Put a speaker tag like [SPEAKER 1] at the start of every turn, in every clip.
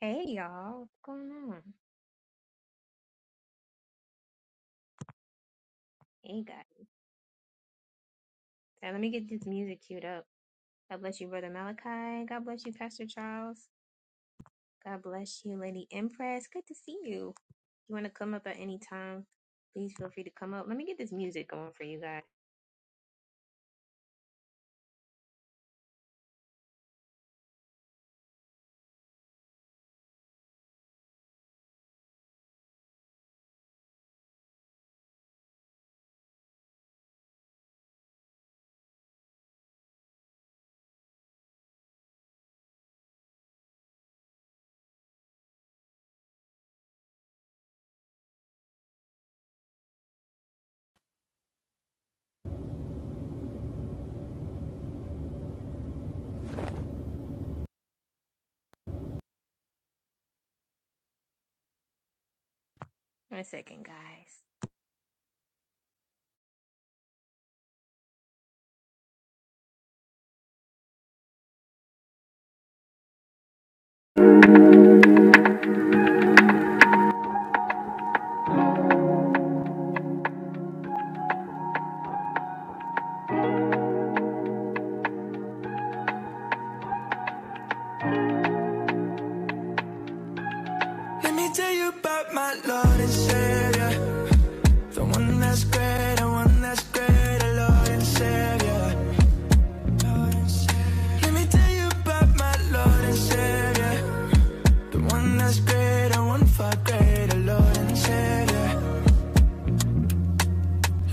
[SPEAKER 1] Hey y'all, what's going on? Hey guys. Now let me get this music queued up. God bless you, Brother Malachi. God bless you, Pastor Charles. God bless you, Lady Empress. Good to see you. If you want to come up at any time, please feel free to come up. Let me get this music going for you guys. One second, guys.
[SPEAKER 2] Let me tell you about my Lord and Savior. The one that's great, the one that's great, the Lord and Savior. Let me tell you about my Lord and Savior. The one that's great, the one for great, the Lord and Savior.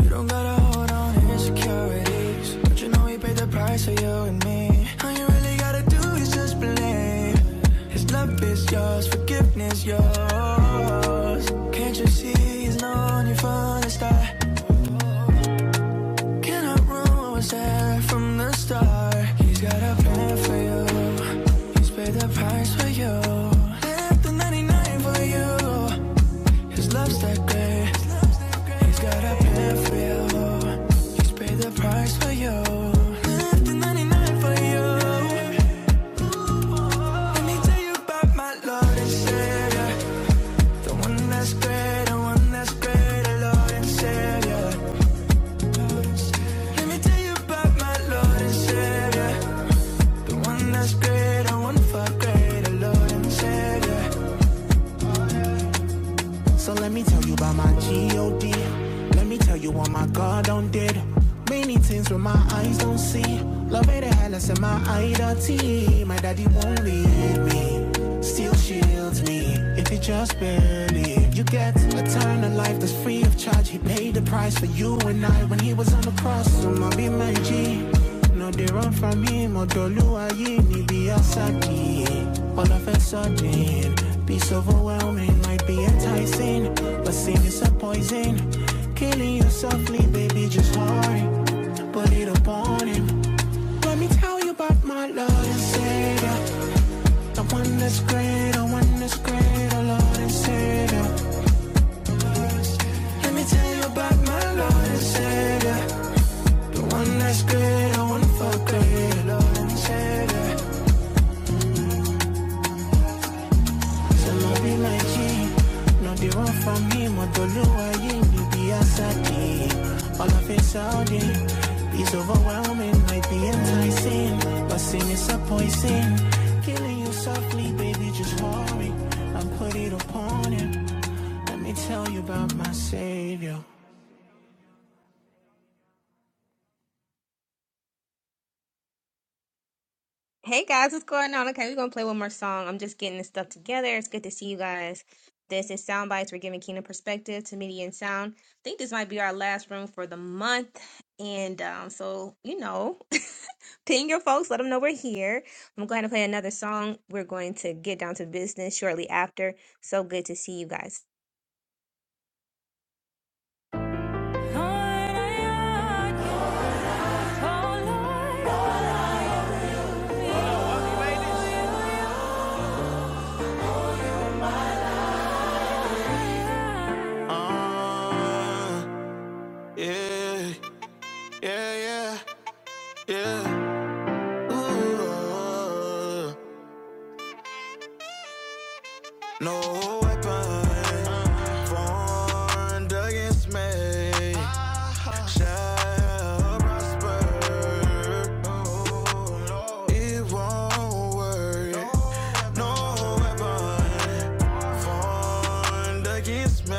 [SPEAKER 2] You don't gotta hold on to insecurities. But you know we paid the price for you and me. All you really gotta do is just believe. His love is yours, forgiveness yours. Can't you see he's known you from the start? Cannot ruin what was there from the start. He's got a plan for you. He's paid the price for you. Left the 99 for you. His love's that great. He's got a plan for you. He's paid the price for you. Left the 99 for you. Let me tell you about my Lord and Savior. The one that's great, the one that's great, the Lord and Savior. Let me tell you about my Lord and Savior. The one that's great, the one for great, the Lord and Savior. So let me tell you about my G-O-D. Let me tell you what my God done did. Many things with my eyes don't see. Love it a hell, I said my identity. My daddy won't leave me. Still shields me. If it just barely. You get eternal Life that's free of charge, he paid the price for you and I when he was on the cross. So my be my G. No, they run from him, or Doluaye, ni be a saki. All of a sudden, peace overwhelming might be enticing, but sin is a poison. Killing you softly, baby, just hurry. Put it upon him. Let me tell you about my Lord and Savior. The one that's great, the one that's great, our Lord and Savior. Let me tell you about my Lord and Savior. The one that's great, I wanna fuck great, Lord and Savior. So love me like him. No, they want from him, or the lower him, you be a sati. All of it's out there. It's overwhelming, might be enticing. But sin is a poison. Killing you softly, baby, just worry. I'm put it upon him. Let me tell you about my Savior.
[SPEAKER 1] Hey guys, what's going on? Okay, we're gonna play one more song. I'm just getting this stuff together. It's good to see you guys. This is Sound Bites. We're giving Kingdom perspective to media and sound. I think this might be our last room for the month, and um, so you know, ping your folks, let them know we're here. I'm going to play another song. We're going to get down to business shortly after. So good to see you guys.
[SPEAKER 2] Lord, I want you, oh Lord. Lord. Uh, yeah, yeah, yeah, yeah. Oh, weapon against me, against me.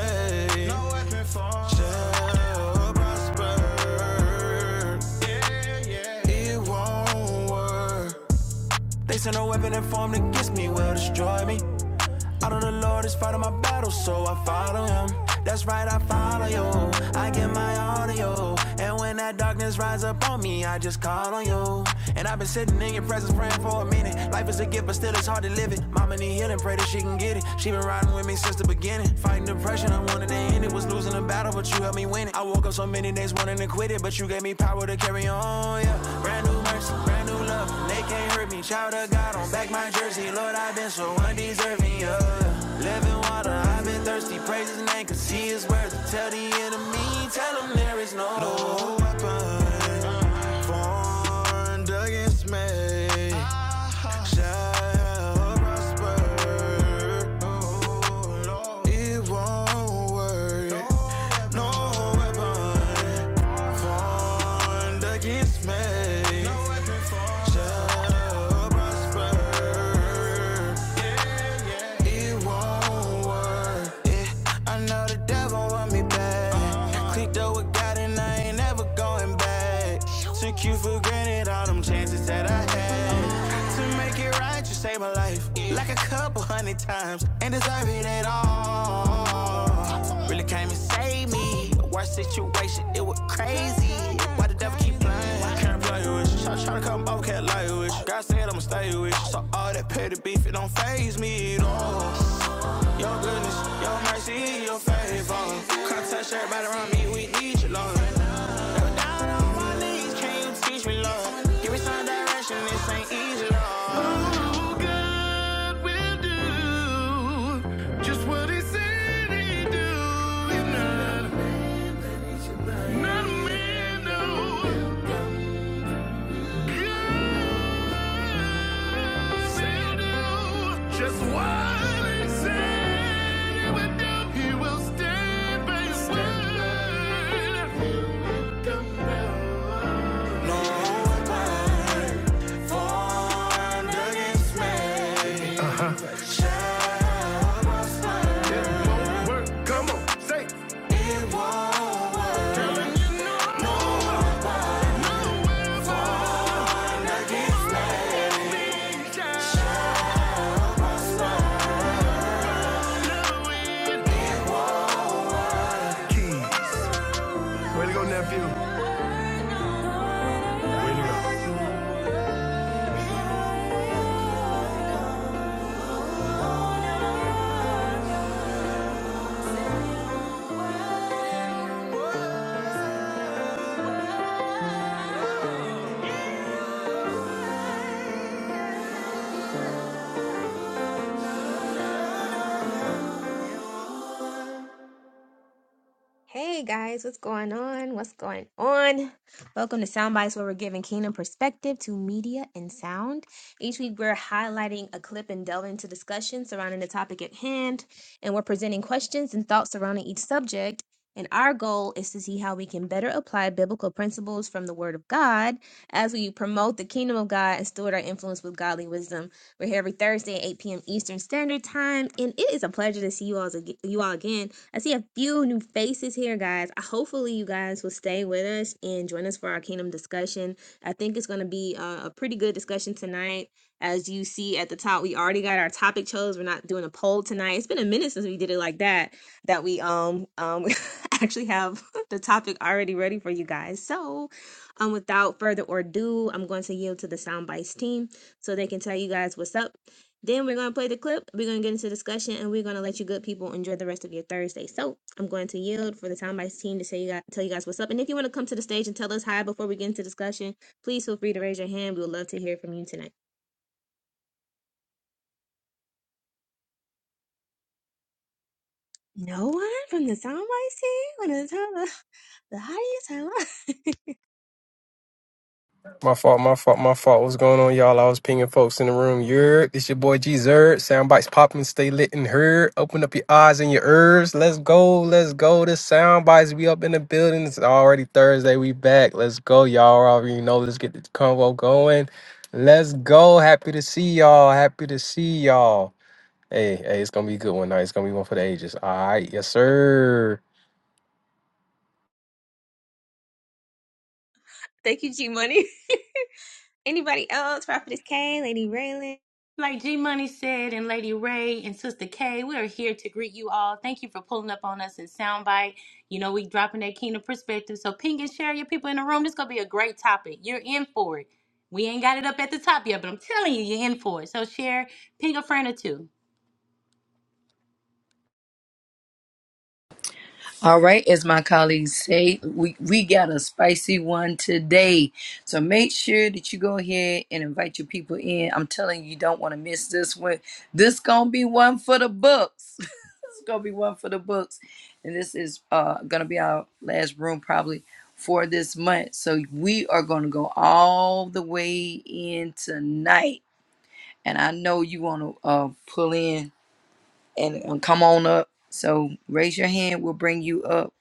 [SPEAKER 2] No weapon for shall prosper. It won't work. They send a weapon and formed against me will destroy me. Out of the Lord is fighting my battle, so I follow him. That's right, I follow you. I get my audio. And when that darkness rise up on me, I just call on you. And I've been sitting in your presence praying for a minute. Life is a gift, but still it's hard to live it. Mama need healing, pray that she can get it. She been riding with me since the beginning. Fighting depression, I wanted to end it. Was losing a battle, but you helped me win it. I woke up so many days wanting to quit it, but you gave me power to carry on. Yeah, brand new mercy. They can't hurt me. Child of God, on back my jersey. Lord, I've been so undeserving. Thirsty, praise his name, cause he is worth it. Tell the enemy, tell him there is no. No, clicked up with God and I ain't never going back. Took you for granted, all them chances that a couple times. Ain't deserve it, shit. It was easy. Can't play with you. Touch you. Give me some direction, this ain't easy, at all. Just what he said he'd do. not, not a man, no. Yeah. Just what he said he would do. He will stand by his word. Work, come on, say keys. Way to go, nephew. Way to go.
[SPEAKER 1] Hey guys, what's going on? What's going on? Welcome to Soundbites, where we're giving kingdom perspective to media and sound. Each week, we're highlighting a clip and delving into discussion surrounding the topic at hand, and we're presenting questions and thoughts surrounding each subject. And our goal is to see how we can better apply biblical principles from the Word of God as we promote the kingdom of God and steward our influence with godly wisdom. We're here every Thursday at 8 p.m. Eastern Standard Time, and it is a pleasure to see you all, you all again. I see a few new faces here, guys. I- Hopefully, you guys will stay with us and join us for our kingdom discussion. I think it's going to be a, a pretty good discussion tonight. As you see at the top, we already got our topic chose. We're not doing a poll tonight. It's been a minute since we did it like that. That we um um actually have the topic already ready for you guys. So, um, without further ado, I'm going to yield to the soundbites team so they can tell you guys what's up then we're going to play the clip. We're going to get into discussion and we're going to let you good people enjoy the rest of your Thursday. So I'm going to yield for the Time Bites team to tell you, guys, tell you guys what's up. And if you want to come to the stage and tell us hi before we get into discussion, please feel free to raise your hand. We would love to hear from you tonight. No one from the Time Bites team want to tell us the highest hello.
[SPEAKER 3] My fault, my fault, my fault. What's going on, y'all? I was pinging folks in the room. You're this your boy G Zerd. Soundbites popping, stay lit and heard. Open up your eyes and your ears. Let's go, let's go. The soundbites we up in the building. It's already Thursday. We back. Let's go, y'all. Already know. Let's get the convo going. Let's go. Happy to see y'all. Happy to see y'all. Hey, hey, it's gonna be a good one. Night. It's gonna be one for the ages. All right, yes, sir.
[SPEAKER 1] Thank you, G Money. Anybody else? Prophetess K, Lady Raylan.
[SPEAKER 4] Like G Money said, and Lady Ray and Sister K, we are here to greet you all. Thank you for pulling up on us in Soundbite. You know, we dropping that kingdom perspective. So ping and share your people in the room. This gonna be a great topic. You're in for it. We ain't got it up at the top yet, but I'm telling you, you're in for it. So share, ping a friend or two.
[SPEAKER 5] All right, as my colleagues say, we, we got a spicy one today. So make sure that you go ahead and invite your people in. I'm telling you, you don't want to miss this one. This gonna be one for the books. it's gonna be one for the books. And this is uh gonna be our last room probably for this month. So we are gonna go all the way in tonight. And I know you wanna uh pull in and, and come on up. So raise your hand, we'll bring you up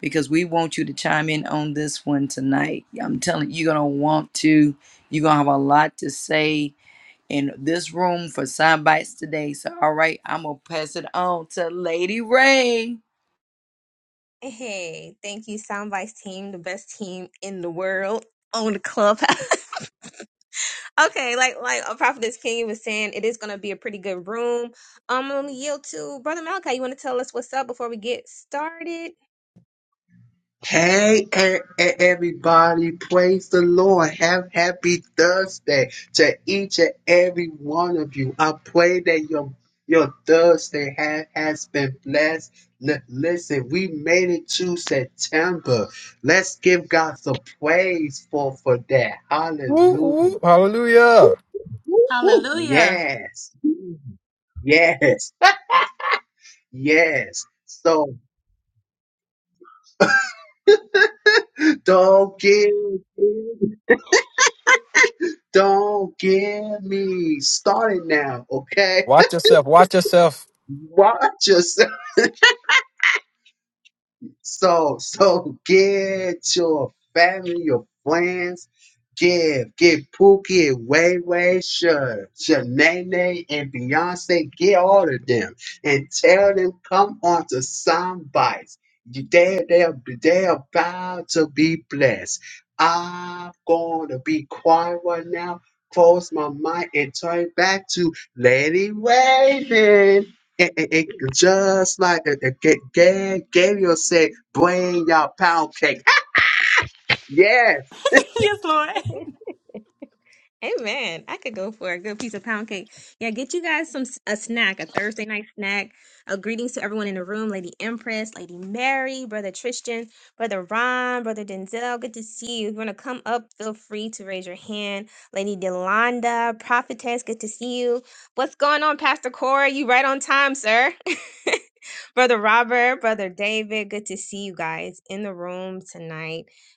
[SPEAKER 5] because we want you to chime in on this one tonight. I'm telling you, you're going to want to. You're going to have a lot to say in this room for sound bites today. So, all right, I'm going to pass it on to Lady Ray.
[SPEAKER 1] Hey, thank you, Soundbites team, the best team in the world on the clubhouse. Okay, like like a prophetess King was saying, it is gonna be a pretty good room. Um, I'm gonna yield to Brother Malachi. You want to tell us what's up before we get started?
[SPEAKER 6] Hey, e- e- everybody, praise the Lord. Have happy Thursday to each and every one of you. I pray that your, your Thursday ha- has been blessed. L- listen, we made it to September. Let's give God some praise for, for that.
[SPEAKER 3] Woo,
[SPEAKER 6] Hallelujah.
[SPEAKER 3] woo. Hallelujah.
[SPEAKER 6] Woo, woo.
[SPEAKER 4] Hallelujah.
[SPEAKER 6] Yes, yes, yes. So don't give in. Don't get me started now, okay?
[SPEAKER 3] Watch yourself. Watch yourself.
[SPEAKER 6] Watch yourself. So, so get your family, your friends, give, get Pookie and Way Way, Sha- Shanae and Beyonce, get all of them and tell them come on to some bites. You- They, they're, they're about to be blessed. I'm going to be quiet right now, close my mic, and turn it back to Lady Raven it, it, it- just like it, it, Ga- Ga- Gabriel said, bring your pound cake. Yes.
[SPEAKER 4] yes, Lord.
[SPEAKER 1] Amen. I could go for a good piece of pound cake. Yeah, get you guys some a snack, a Thursday night snack. Uh, greetings to everyone in the room, Lady Empress, Lady Mary, Brother Tristan, Brother Ron, Brother Denzel. Good to see you. If you want to come up, feel free to raise your hand. Lady Delonda, Prophetess, good to see you. What's going on, Pastor Cora? You right on time, sir. Brother Robert, Brother David, good to see you guys in the room tonight.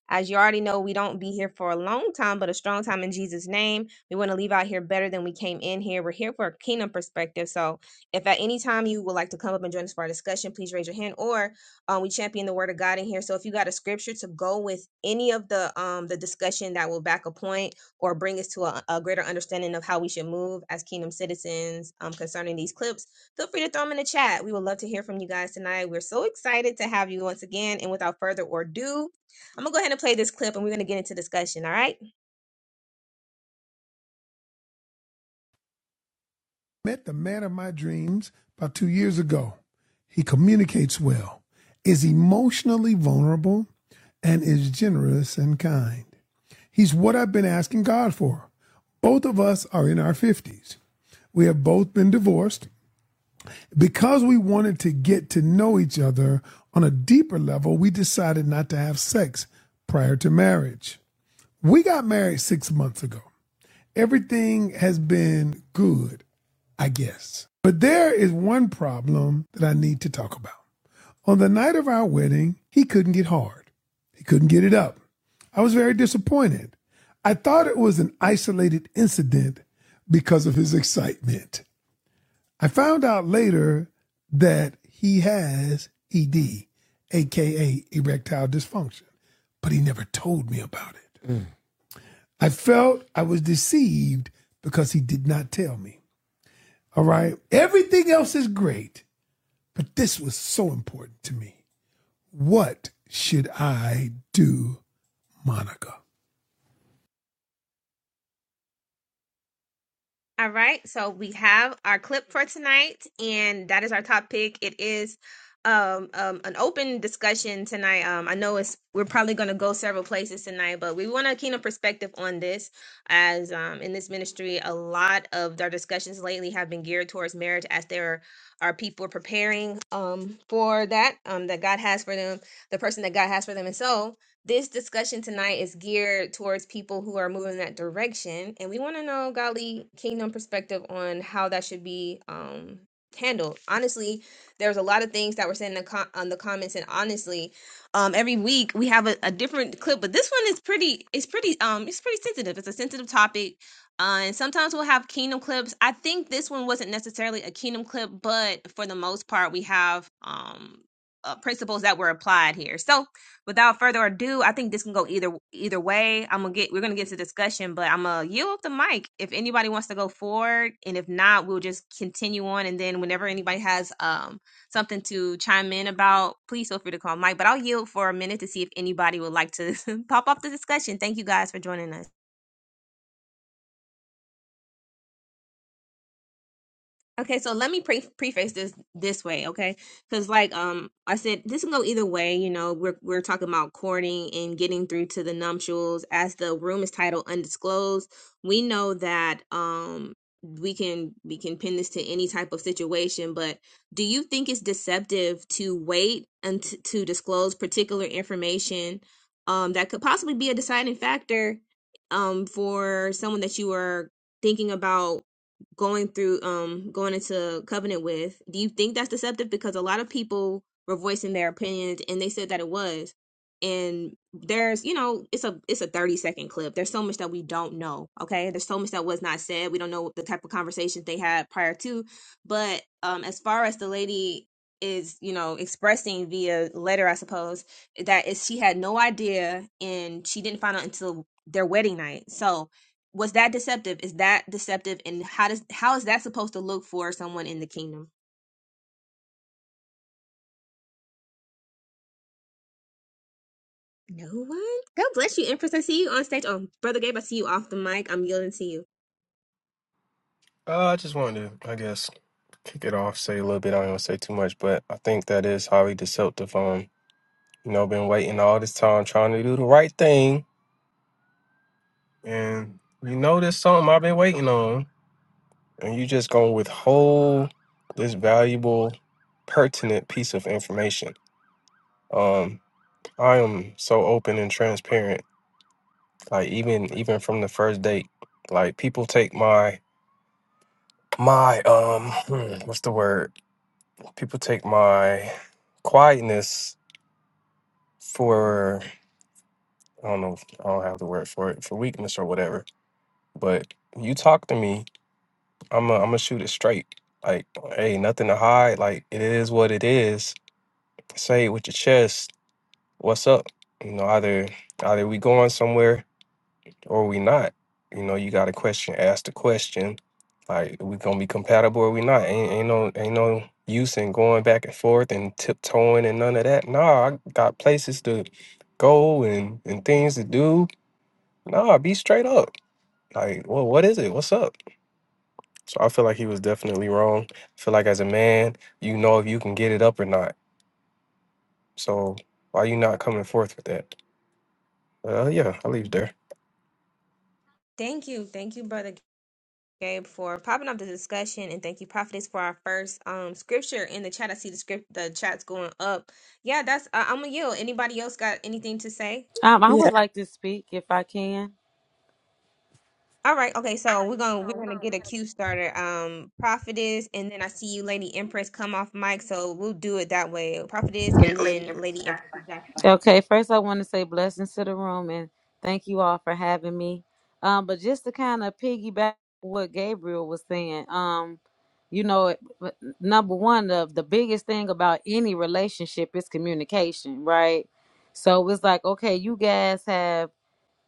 [SPEAKER 1] As you already know, we don't be here for a long time, but a strong time in Jesus' name. We want to leave out here better than we came in here. We're here for a kingdom perspective. So if at any time you would like to come up and join us for our discussion, please raise your hand or um, we champion the word of God in here. So if you got a scripture to go with any of the um, the discussion that will back a point or bring us to a, a greater understanding of how we should move as kingdom citizens um, concerning these clips, feel free to throw them in the chat. We would love to hear from you guys tonight. We're so excited to have you once again. And without further ado, I'm gonna go ahead and play this clip and we're gonna get into discussion, all right?
[SPEAKER 2] Met the man of my dreams about two years ago. He communicates well, is emotionally vulnerable, and is generous and kind. He's what I've been asking God for. Both of us are in our 50s. We have both been divorced Because we wanted to get to know each other on a deeper level, we decided not to have sex prior to marriage. We got married six months ago. Everything has been good, I guess. But there is one problem that I need to talk about. On the night of our wedding, he couldn't get hard. He couldn't get it up. I was very disappointed. I thought it was an isolated incident because of his excitement. I found out later that he has ED, aka erectile dysfunction, but he never told me about it. I felt I was deceived because he did not tell me. All right. Everything else is great, but this was so important to me. What should I do, Monica?
[SPEAKER 1] All right, so we have our clip for tonight, and that is our top pick. It is um, um an open discussion tonight. Um I know it's we're probably gonna go several places tonight, but we want a keen perspective on this as um in this ministry, a lot of our discussions lately have been geared towards marriage as there are people preparing um for that um that God has for them, the person that God has for them. And so This discussion tonight is geared towards people who are moving in that direction, and we want to know Golly Kingdom perspective on how that should be um, handled. Honestly, there's a lot of things that were said in the com- on the comments, and honestly, um, every week we have a, a different clip, but this one is pretty. It's pretty. Um, it's pretty sensitive. It's a sensitive topic. Uh, and sometimes we'll have kingdom clips. I think this one wasn't necessarily a kingdom clip, but for the most part, we have um, uh, principles that were applied here. So without further ado, I think this can go either either way. I'm gonna get we're gonna get to discussion, but I'm gonna yield up the mic if anybody wants to go forward, and if not, we'll just continue on. And then whenever anybody has um something to chime in about, please feel free to call Mike. But I'll yield for a minute to see if anybody would like to pop off the discussion. Thank you guys for joining us. Okay, so let me pre- preface this this way, okay? Because like um I said, this can go either way. You know, we're we're talking about courting and getting through to the nuptials. As the room is titled "Undisclosed," we know that um we can we can pin this to any type of situation. But do you think it's deceptive to wait and t- to disclose particular information um that could possibly be a deciding factor um for someone that you are thinking about? going through um going into covenant with do you think that's deceptive because a lot of people were voicing their opinions and they said that it was and there's you know it's a it's a 30 second clip there's so much that we don't know okay there's so much that was not said we don't know the type of conversations they had prior to but um as far as the lady is you know expressing via letter i suppose that is she had no idea and she didn't find out until their wedding night so was that deceptive? Is that deceptive? And how does how is that supposed to look for someone in the kingdom? No one. God bless you, Empress. I see you on stage. Oh, Brother Gabe, I see you off the mic. I'm yielding to you.
[SPEAKER 3] Uh, I just wanted to, I guess, kick it off, say a little bit. I don't want to say too much, but I think that is highly deceptive. Um, you know, been waiting all this time trying to do the right thing, and you know, there's something I've been waiting on, and you just gonna withhold this valuable, pertinent piece of information. Um, I am so open and transparent. Like even even from the first date, like people take my my um, hmm, what's the word? people take my quietness for I don't know if- I don't have the word for it for weakness or whatever. But you talk to me, I'm a, I'm gonna shoot it straight. Like, hey, nothing to hide. Like it is what it is. Say it with your chest. What's up? You know, either either we going somewhere or we not. You know, you got a question, ask the question. Like, we gonna be compatible or we not? Ain't, ain't no ain't no use in going back and forth and tiptoeing and none of that. Nah, I got places to go and and things to do. Nah, be straight up. Like, well, what is it? What's up? So I feel like he was definitely wrong. I feel like as a man, you know if you can get it up or not. So why you not coming forth with that? Uh, yeah, I'll leave it there.
[SPEAKER 1] Thank you, thank you, Brother Gabe, for popping up the discussion, and thank you, Prophetess, for our first um scripture in the chat. I see the script, the chat's going up. Yeah, that's. Uh, I'm gonna yield. Anybody else got anything to say?
[SPEAKER 7] Um, I would
[SPEAKER 8] Yeah,
[SPEAKER 7] like to speak if I can.
[SPEAKER 1] All right, okay, so we're gonna we're gonna get a cue starter. Um Prophetess and then I see you Lady Empress come off mic, so we'll do it that way. Prophetess and then Lady Empress. Is that fine?
[SPEAKER 7] Okay, first I want to say blessings to the room and thank you all for having me. Um, but just to kind of piggyback what Gabriel was saying, um, you know, it- but number one the the biggest thing about any relationship is communication, right? So it's like, okay, you guys have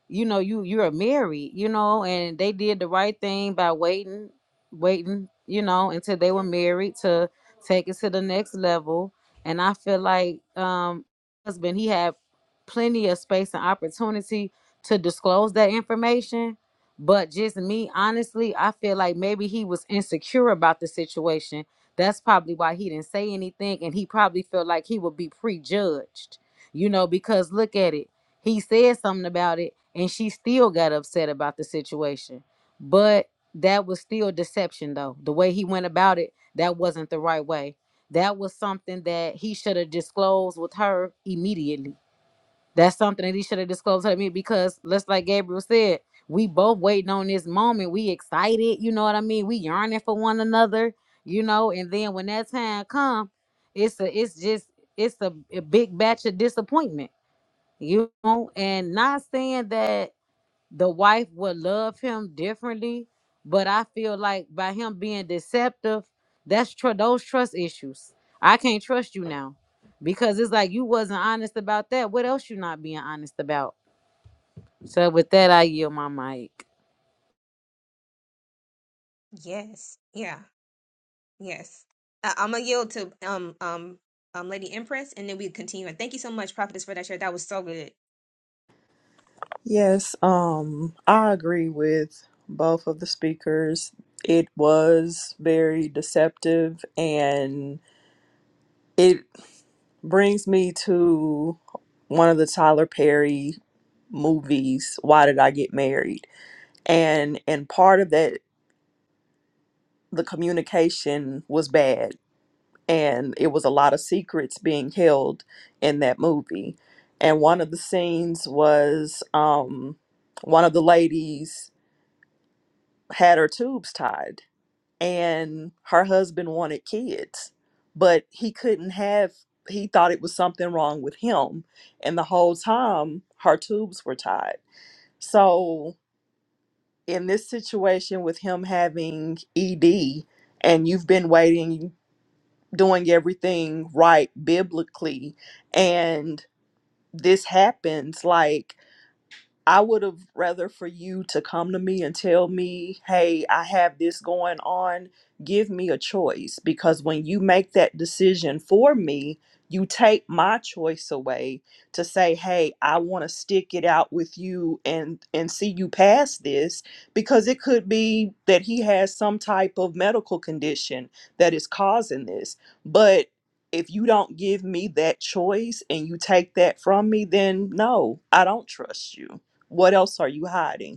[SPEAKER 7] you know you you're married you know and they did the right thing by waiting waiting you know until they were married to take it to the next level and i feel like um husband he had plenty of space and opportunity to disclose that information but just me honestly i feel like maybe he was insecure about the situation that's probably why he didn't say anything and he probably felt like he would be prejudged you know because look at it he said something about it and she still got upset about the situation but that was still deception though the way he went about it that wasn't the right way that was something that he should have disclosed with her immediately that's something that he should have disclosed to me because let's like gabriel said we both waiting on this moment we excited you know what i mean we yearning for one another you know and then when that time come it's a it's just it's a a big batch of disappointment you know, and not saying that the wife would love him differently, but I feel like by him being deceptive, that's tr- those trust issues. I can't trust you now because it's like you wasn't honest about that. What else you not being honest about? So with that, I yield my mic.
[SPEAKER 1] Yes. Yeah, yes. Uh, I'm gonna yield to um um um Lady Empress and then we continue. And thank you so much, Prophetess, for that share. That was so good.
[SPEAKER 8] yes, um, I agree with both of the speakers. It was very deceptive and it brings me to one of the Tyler Perry movies, Why Did I Get Married? And and part of that the communication was bad and it was a lot of secrets being held in that movie. And one of the scenes was um one of the ladies had her tubes tied and her husband wanted kids but he couldn't have he thought it was something wrong with him and the whole time her tubes were tied so in this situation with him having ed and you've been waiting doing everything right biblically and this happens like I would have rather for you to come to me and tell me, hey, I have this going on. Give me a choice. Because when you make that decision for me, you take my choice away to say, hey, I want to stick it out with you and and see you past this. Because it could be that he has some type of medical condition that is causing this. But if you don't give me that choice and you take that from me, then no, I don't trust you. What else are you hiding?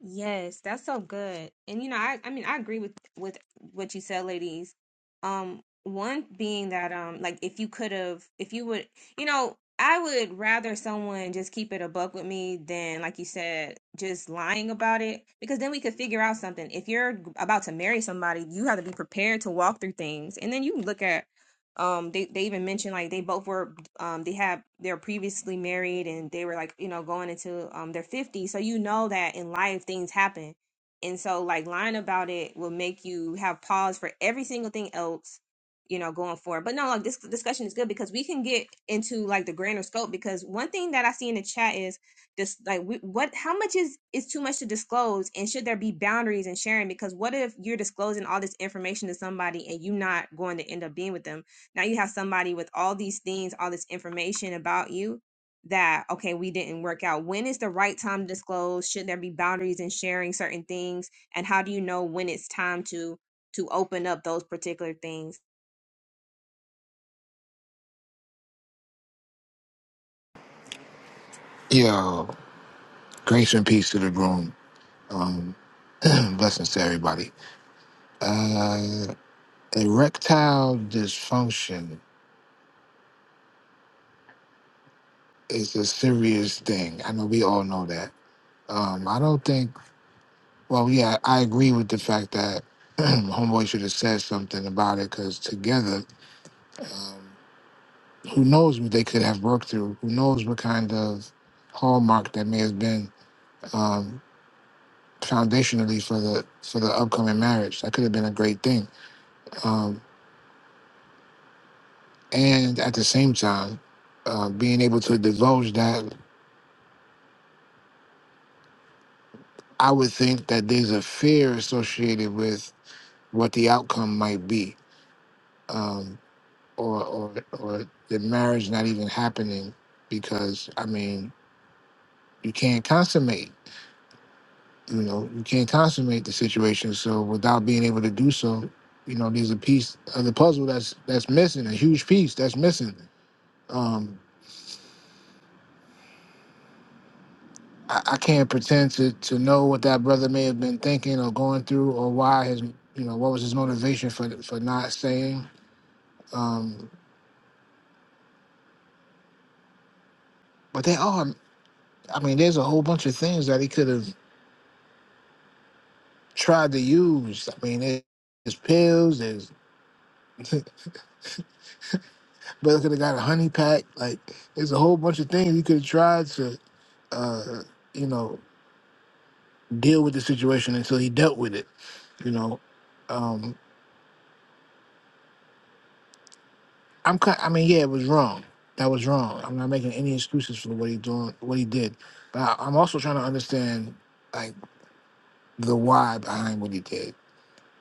[SPEAKER 1] Yes, that's so good. And you know, I I mean, I agree with with what you said, ladies. Um, one being that um, like if you could have, if you would, you know, I would rather someone just keep it a buck with me than, like you said, just lying about it because then we could figure out something. If you're about to marry somebody, you have to be prepared to walk through things, and then you can look at um they they even mentioned like they both were um they had they're previously married and they were like you know going into um their 50s so you know that in life things happen and so like lying about it will make you have pause for every single thing else you know going forward but no like this discussion is good because we can get into like the grander scope because one thing that i see in the chat is this like we, what how much is is too much to disclose and should there be boundaries in sharing because what if you're disclosing all this information to somebody and you're not going to end up being with them now you have somebody with all these things, all this information about you that, okay, we didn't work out. When is the right time to disclose? Should there be boundaries in sharing certain things? And how do you know when it's time to to open up those particular things?
[SPEAKER 9] Yo, grace and peace to the groom. Blessings to everybody. Uh, erectile dysfunction is a serious thing. I know we all know that. Um, I don't think, well, yeah, I agree with the fact that Homeboy should have said something about it because together, um, who knows what they could have worked through? Who knows what kind of hallmark that may have been um, foundationally for the for the upcoming marriage? That could have been a great thing. Um, and at the same time, uh, being able to divulge that, I would think that there's a fear associated with what the outcome might be, um, or or or the marriage not even happening because I mean you can't consummate, you know, you can't consummate the situation. So without being able to do so, you know, there's a piece of the puzzle that's that's missing, a huge piece that's missing. Um, I, I can't pretend to to know what that brother may have been thinking or going through or why his you know what was his motivation for for not saying. Um, but there are, I mean, there's a whole bunch of things that he could have tried to use. I mean, there- there's pills. There's brother could have got a honey pack. Like there's a whole bunch of things he could have tried to uh, you know deal with the situation until he dealt with it. You know. Um, I'm kind. I mean, yeah, it was wrong. That was wrong. I'm not making any excuses for what he doing, what he did. But I, I'm also trying to understand like the why behind what he did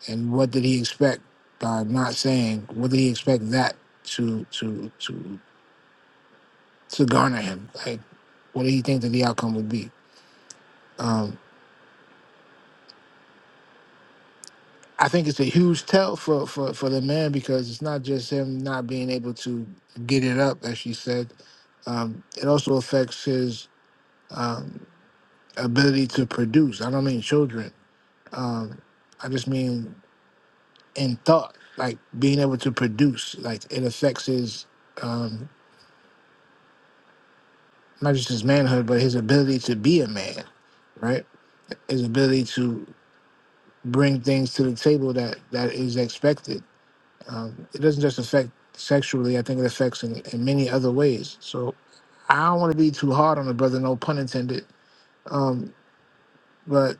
[SPEAKER 9] and what did he expect by not saying. What did he expect that to to to to garner him? Like, what did he think that the outcome would be? Um, I think it's a huge tell for for for the man because it's not just him not being able to get it up, as she said. Um, it also affects his. Um, ability to produce. I don't mean children. Um, I just mean in thought, like being able to produce. Like it affects his um, not just his manhood, but his ability to be a man, right? His ability to bring things to the table that that is expected. Um, it doesn't just affect sexually. I think it affects in, in many other ways. So I don't want to be too hard on the brother, no pun intended. Um, but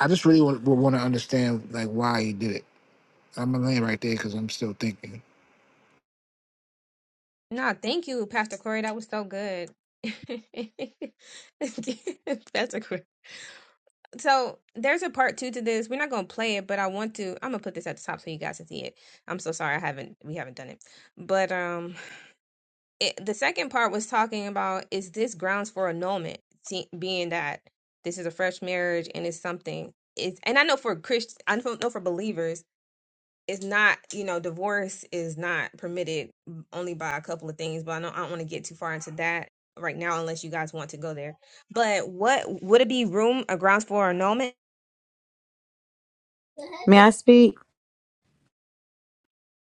[SPEAKER 9] I just really want, want to understand like why he did it. I'm gonna land right there because I'm still thinking.
[SPEAKER 1] No, thank you, Pastor Corey. That was so good. That's a good. So there's a part two to this. We're not gonna play it, but I want to. I'm gonna put this at the top so you guys can see it. I'm so sorry I haven't we haven't done it, but um it, the second part was talking about is this grounds for annulment see, being that this is a fresh marriage and it's something is and i know for christians i know know for believers it's not you know divorce is not permitted only by a couple of things but i know i don't want to get too far into that right now unless you guys want to go there but what would it be room or grounds for annulment
[SPEAKER 7] May I speak?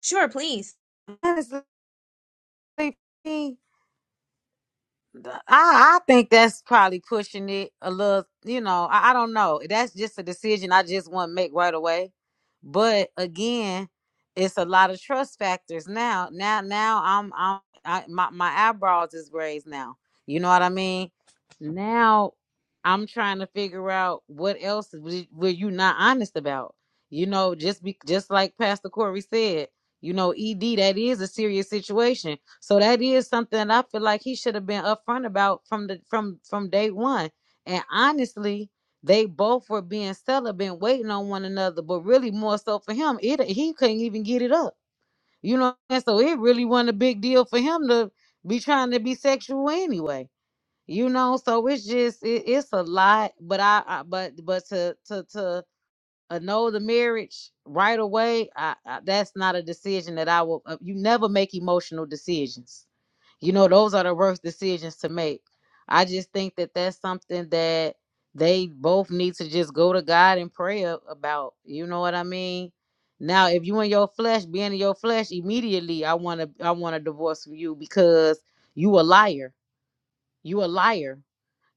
[SPEAKER 1] sure please
[SPEAKER 7] Honestly, I I think that's probably pushing it a little. You know, I, I don't know. That's just a decision I just want to make right away. But again, it's a lot of trust factors now. Now, now I'm I'm I, my my eyebrows is raised now. You know what I mean? Now I'm trying to figure out what else w- were you not honest about. You know, just be just like Pastor Corey said. You know, ED that is a serious situation so that is something that I feel like he should have been upfront about from the from from day one. And honestly, they both were being celibate, waiting on one another. But really, more so for him, it he couldn't even get it up. You know, and so it really wasn't a big deal for him to be trying to be sexual anyway. You know, so it's just it, it's a lot. But I, I but but to to to annul the marriage right away, I, I, that's not a decision that I will. uh, You never make emotional decisions. You know, those are the worst decisions to make. I just think that that's something that they both need to just go to God and pray a- about. You know what I mean? Now, if you in your flesh, being in your flesh, immediately I want to I want to divorce from you because you a liar. You a liar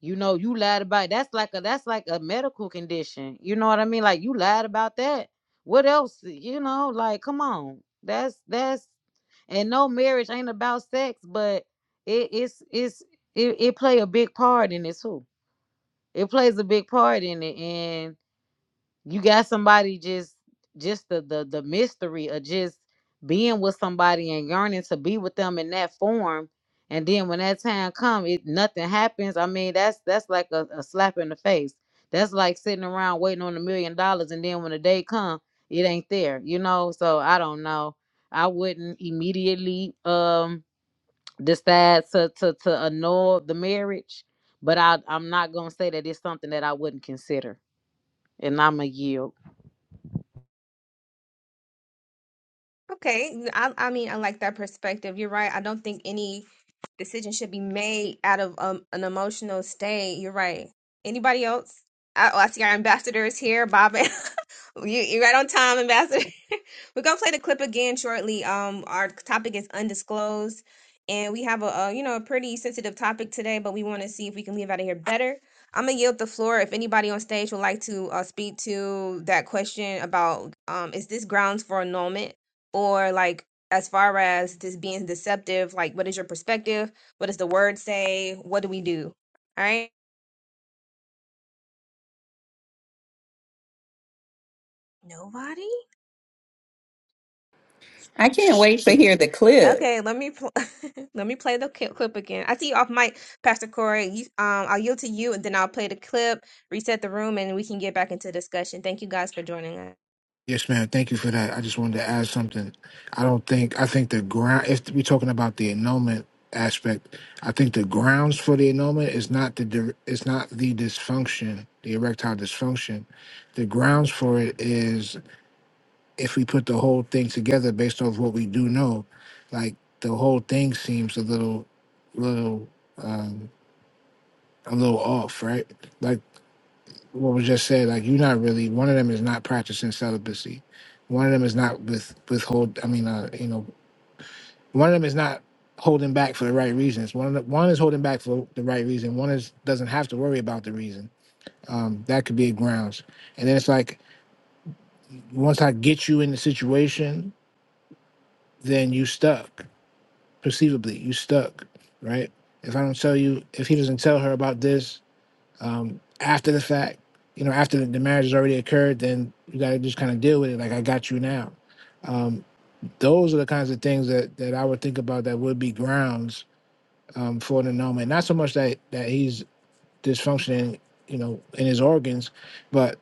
[SPEAKER 7] you know, you lied about it. that's like a that's like a medical condition. You know what I mean? Like you lied about that. What else? You know, like come on. That's that's and no marriage ain't about sex, but it it's it's it, it play a big part in it too. It plays a big part in it and you got somebody just just the the the mystery of just being with somebody and yearning to be with them in that form and then when that time comes, it nothing happens i mean that's that's like a, a slap in the face that's like sitting around waiting on a million dollars and then when the day come it ain't there you know so i don't know i wouldn't immediately um decide to to to annul the marriage but i i'm not gonna say that it's something that i wouldn't consider and i'm a yield
[SPEAKER 1] okay i, I mean i like that perspective you're right i don't think any Decision should be made out of um, an emotional state. You're right. Anybody else? I, oh, I see our ambassador is here, Bob. And- you you right on time, ambassador. We're gonna play the clip again shortly. Um, our topic is undisclosed, and we have a, a you know a pretty sensitive topic today, but we want to see if we can leave out of here better. I'm gonna yield the floor if anybody on stage would like to uh, speak to that question about um, is this grounds for annulment or like as far as this being deceptive, like what is your perspective? What does the word say? What do we do? All right. Nobody.
[SPEAKER 10] I can't wait to hear the clip.
[SPEAKER 1] Okay. Let me pl- let me play the cli- clip again. I see you off mic, Pastor Corey. You, um, I'll yield to you, and then I'll play the clip, reset the room, and we can get back into discussion. Thank you guys for joining us.
[SPEAKER 9] Yes, ma'am. Thank you for that. I just wanted to add something. I don't think I think the ground. If we're talking about the annulment aspect, I think the grounds for the annulment is not the dir- it's not the dysfunction, the erectile dysfunction. The grounds for it is if we put the whole thing together based off what we do know, like the whole thing seems a little, little, um, a little off, right? Like. what was just said, like you're not really one of them is not practicing celibacy. One of them is not with withhold. I mean, uh, you know, one of them is not holding back for the right reasons. One of the, one is holding back for the right reason. One is doesn't have to worry about the reason. Um, that could be a grounds. And then it's like once I get you in the situation, then you stuck. Perceivably, you stuck, right? If I don't tell you, if he doesn't tell her about this, um, after the fact, you know, after the, the marriage has already occurred, then you got to just kind of deal with it. Like I got you now. Um, those are the kinds of things that that I would think about that would be grounds um, for an annulment. Not so much that that he's dysfunctioning, you know, in his organs, but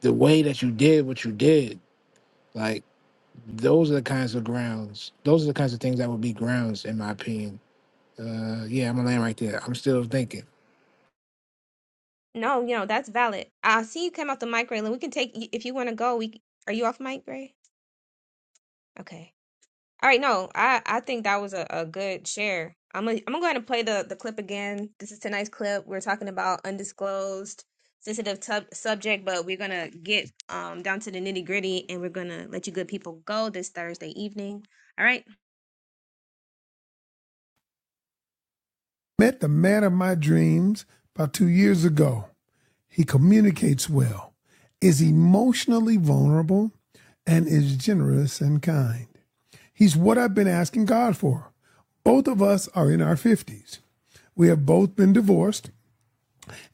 [SPEAKER 9] the way that you did what you did, like those are the kinds of grounds. Those are the kinds of things that would be grounds, in my opinion. Uh, yeah, I'm gonna land right there. I'm still thinking.
[SPEAKER 1] No, you know that's valid. I see you came off the mic, Raylan. We can take if you want to go. We c- are you off mic, Ray? Okay. All right, no, I I think that was a, a good share. I'm gonna I'm gonna go ahead and play the the clip again. This is tonight's clip. We're talking about undisclosed sensitive tub subject, but we're gonna get um down to the nitty gritty, and we're gonna let you good people go this Thursday evening. All right.
[SPEAKER 2] Met the man of my dreams about two years ago. He communicates well, is emotionally vulnerable, and is generous and kind. He's what I've been asking God for. Both of us are in our 50s. We have both been divorced.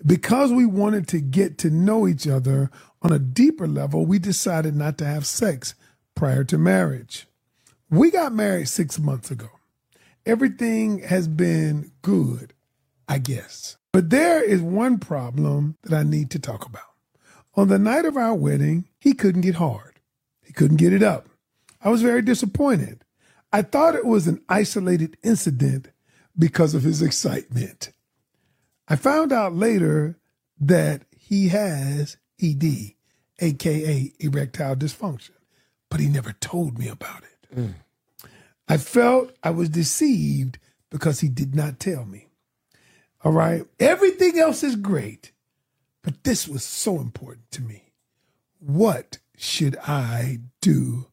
[SPEAKER 2] Because we wanted to get to know each other on a deeper level, we decided not to have sex prior to marriage. We got married six months ago. Everything has been good, I guess. But there is one problem that I need to talk about. On the night of our wedding, he couldn't get hard. He couldn't get it up. I was very disappointed. I thought it was an isolated incident because of his excitement. I found out later that he has ED, aka erectile dysfunction, but he never told me about it. I felt I was deceived because he did not tell me. All right. Everything else is great, but this was so important to me. What should I do,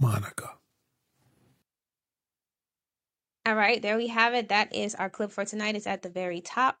[SPEAKER 2] Monica?
[SPEAKER 1] All right, there we have it. That is our clip for tonight. It's at the very top.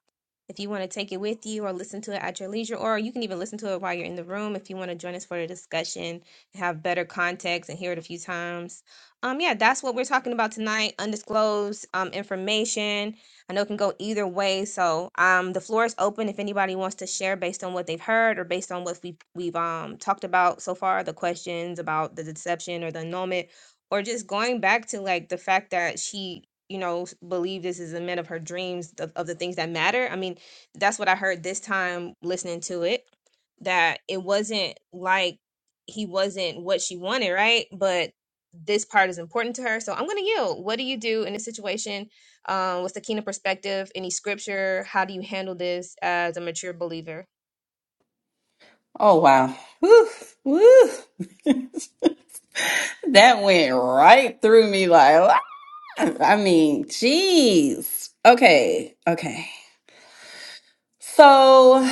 [SPEAKER 1] If you want to take it with you or listen to it at your leisure, or you can even listen to it while you're in the room if you want to join us for the discussion and have better context and hear it a few times. Um, yeah, that's what we're talking about tonight. Undisclosed um information. I know it can go either way. So um the floor is open if anybody wants to share based on what they've heard or based on what we've we've um talked about so far, the questions about the deception or the annulment or just going back to like the fact that she you know, s- believe this is a man of her dreams of, of the things that matter. I mean, that's what I heard this time listening to it, that it wasn't like he wasn't what she wanted, right? But this part is important to her. So I'm going to yield. What do you do in this situation? Um, what's the keen perspective? Any scripture? How do you handle this as a mature believer?
[SPEAKER 10] Oh wow. Woo, woo. that went right through me like ah! I mean, jeez. Okay, okay. So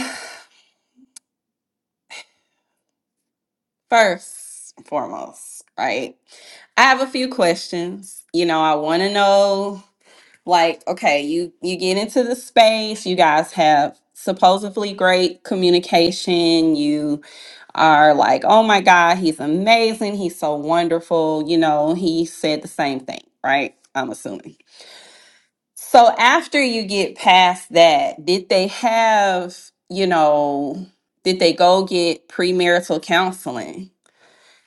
[SPEAKER 10] first and foremost, right? I have a few questions. You know, I want to know like okay, you you get into the space, you guys have supposedly great communication, You are like, oh my God, he's amazing. He's so wonderful. You know, he said the same thing, right? I'm assuming. So after you get past that, did they have, you know, did they go get premarital counseling,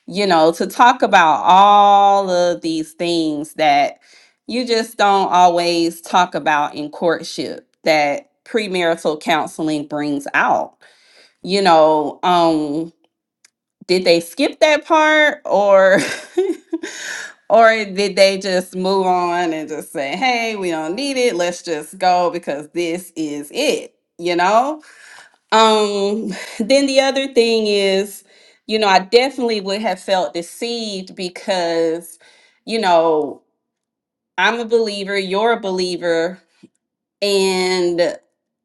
[SPEAKER 10] you know, to talk about all of these things that you just don't always talk about in courtship that premarital counseling brings out? You know, um, did they skip that part or or did they just move on and just say hey we don't need it let's just go because this is it you know um then the other thing is you know i definitely would have felt deceived because you know i'm a believer you're a believer and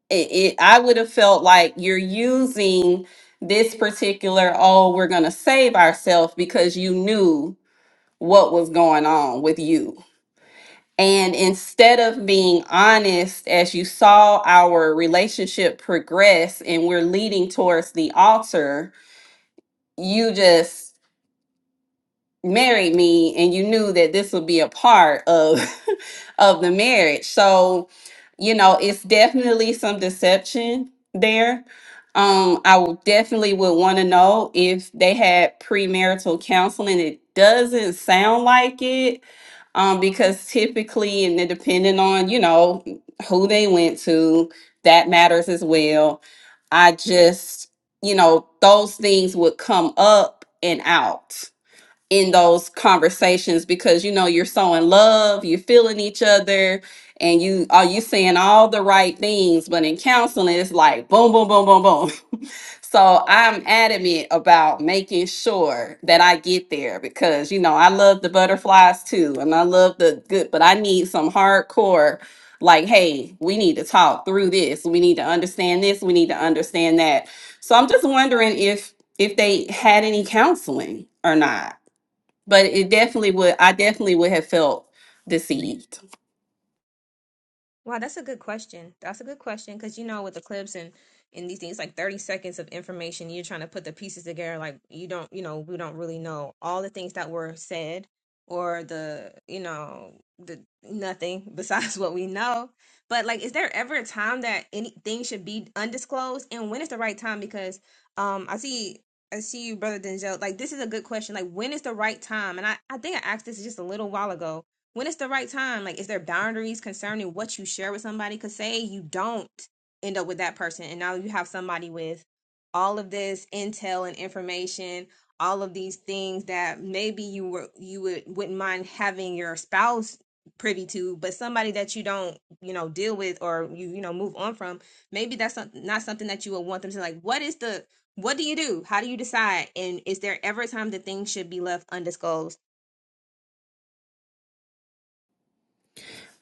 [SPEAKER 10] it, it I would have felt like you're using this particular oh we're going to save ourselves because you knew what was going on with you. And instead of being honest as you saw our relationship progress and we're leading towards the altar, you just married me and you knew that this would be a part of of the marriage so you know it's definitely some deception there um i would definitely would want to know if they had premarital counseling it doesn't sound like it um because typically and then depending on you know who they went to that matters as well i just you know those things would come up and out in those conversations because you know you're so in love, you're feeling each other, and you are you saying all the right things, but in counseling it's like boom, boom, boom, boom, boom. So I'm adamant about making sure that I get there because you know I love the butterflies too, and I love the good, but I need some hardcore like, hey, we need to talk through this. We need to understand this. We need to understand that. So I'm just wondering if if they had any counseling or not but it definitely would i definitely would have felt deceived
[SPEAKER 1] Wow, that's a good question. That's a good question because you know with the clips and and these things like 30 seconds of information you're trying to put the pieces together like you don't you know we don't really know all the things that were said or the you know the nothing besides what we know. But like is there ever a time that anything should be undisclosed and when is the right time because um I see I see you brother Denzel like this is a good question like when is the right time and I I think I asked this just a little while ago when it's the right time like is there boundaries concerning what you share with somebody because say you don't end up with that person and now you have somebody with all of this intel and information all of these things that maybe you were you would wouldn't mind having your spouse privy to but somebody that you don't you know deal with or you you know move on from maybe that's not, not something that you would want them to like what is the what do you do how do you decide and is there ever a time that things should be left undisclosed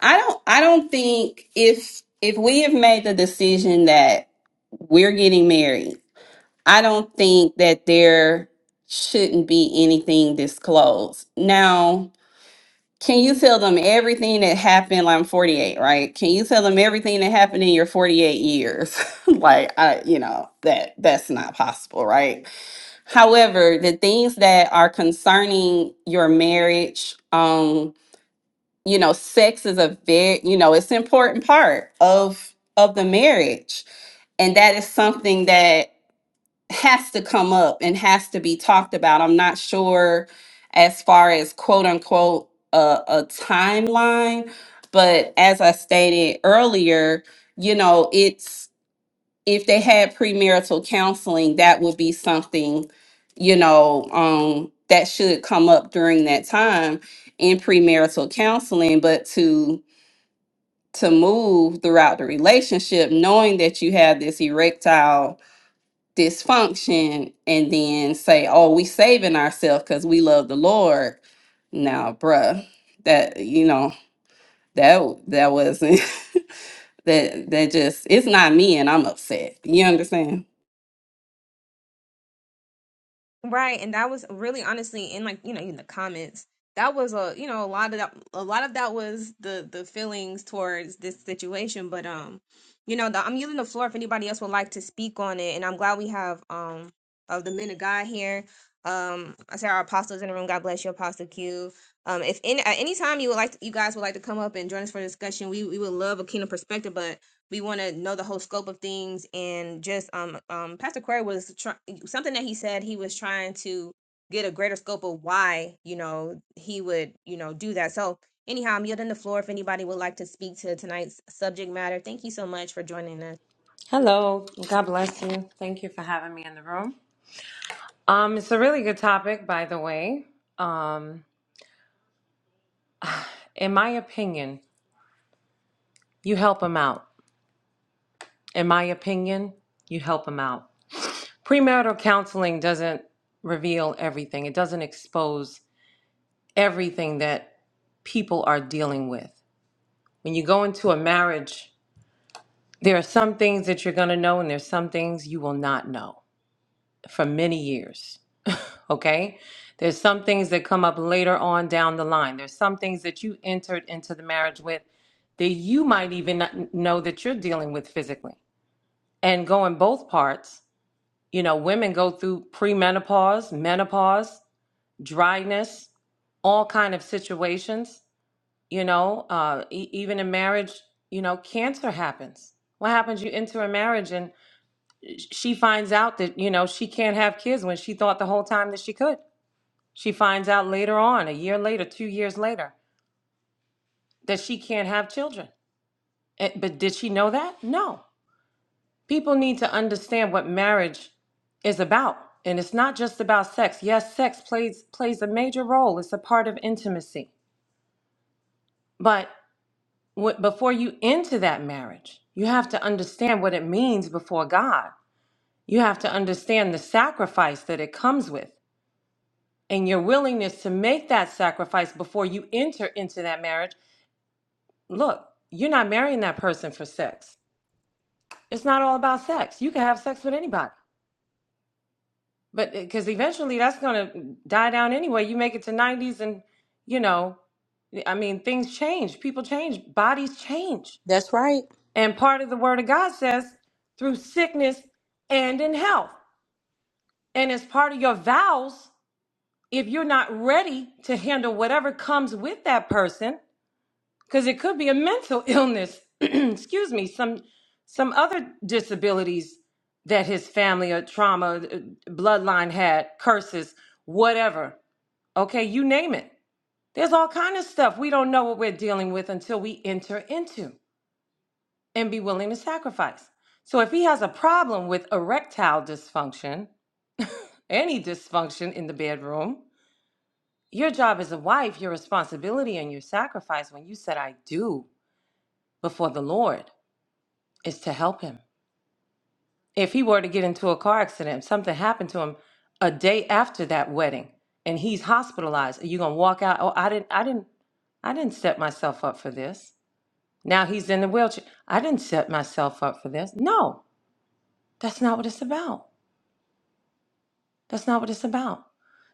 [SPEAKER 10] i don't i don't think if if we have made the decision that we're getting married i don't think that there shouldn't be anything disclosed now can you tell them everything that happened like i'm 48 right can you tell them everything that happened in your 48 years like i you know that that's not possible right However, the things that are concerning your marriage, um, you know, sex is a very, you know, it's an important part of of the marriage. And that is something that has to come up and has to be talked about. I'm not sure as far as quote unquote a, a timeline, but as I stated earlier, you know, it's if they had premarital counseling, that would be something, you know, um, that should come up during that time in premarital counseling. But to to move throughout the relationship, knowing that you have this erectile dysfunction, and then say, "Oh, we saving ourselves because we love the Lord." Now, bruh, that you know that that wasn't that that just it's not me, and I'm upset. You understand?
[SPEAKER 1] Right, and that was really honestly in like you know in the comments that was a you know a lot of that a lot of that was the the feelings towards this situation, but um you know the, I'm yielding the floor if anybody else would like to speak on it, and I'm glad we have um of the men of God here. Um, I say our apostles in the room. God bless you, Apostle Q. Um, if any at any time you would like to, you guys would like to come up and join us for discussion, we we would love a kingdom perspective, but we want to know the whole scope of things and just um um Pastor Corey was trying something that he said he was trying to get a greater scope of why you know he would you know do that so anyhow i'm yielding the floor if anybody would like to speak to tonight's subject matter thank you so much for joining us
[SPEAKER 11] Hello. God bless you. Thank you for having me in the room. Um, it's a really good topic, by the way. Um, in my opinion, you help them out. In my opinion, you help them out. Premarital counseling doesn't reveal everything. It doesn't expose everything that people are dealing with. When you go into a marriage, there are some things that you're going to know and there's some things you will not know for many years. okay? There's some things that come up later on down the line. There's some things that you entered into the marriage with that you might even not know that you're dealing with physically. And going both parts, you know, women go through premenopause, menopause, dryness, all kind of situations, you know, uh, e- even in marriage, you know, cancer happens. What happens? You enter a marriage and sh- she finds out that, you know, she can't have kids when she thought the whole time that she could she finds out later on, a year later, two years later, that she can't have children. Eh, But did she know that? No. People need to understand what marriage is about. And it's not just about sex. Yes, sex plays plays a major role. It's a part of intimacy. But wh- before you enter that marriage, you have to understand what it means before God. You have to understand the sacrifice that it comes with and your willingness to make that sacrifice before you enter into that marriage look, you're not marrying that person for sex. It's not all about sex. You can have sex with anybody, but because eventually that's going to die down anyway. You make it to 90s, and you know, I mean, things change, people change, bodies change.
[SPEAKER 4] That's right.
[SPEAKER 11] And part of the word of God says through sickness and in health. And as part of your vows, if you're not ready to handle whatever comes with that person, because it could be a mental illness excuse me some some other disabilities that his family or trauma uh, bloodline had curses whatever okay you name it there's all kind of stuff we don't know what we're dealing with until we enter into and be willing to sacrifice so if he has a problem with erectile dysfunction any dysfunction in the bedroom your job as a wife your responsibility and your sacrifice when you said i do before the lord is to help him. If he were to get into a car accident, something happened to him a day after that wedding, and he's hospitalized, are you gonna walk out? Oh, I didn't, I didn't, I didn't set myself up for this. Now he's in the wheelchair. I didn't set myself up for this. No, that's not what it's about. That's not what it's about.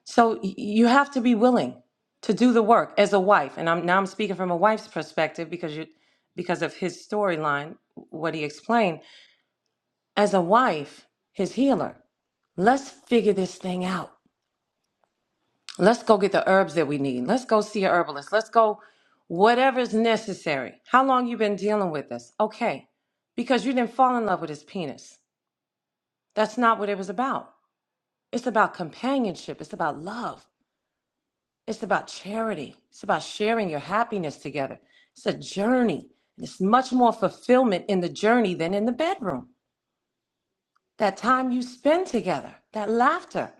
[SPEAKER 11] So y- you have to be willing to do the work as a wife. And I'm now I'm speaking from a wife's perspective because you, because of his storyline, what he explained as a wife, his healer. Let's figure this thing out. Let's go get the herbs that we need. Let's go see a herbalist. Let's go whatever's necessary. How long you been dealing with this? Okay. Because you didn't fall in love with his penis. That's not what it was about. It's about companionship. It's about love. It's about charity. It's about sharing your happiness together. It's a journey. There's much more fulfillment in the journey than in the bedroom. that time you spend together, that laughter,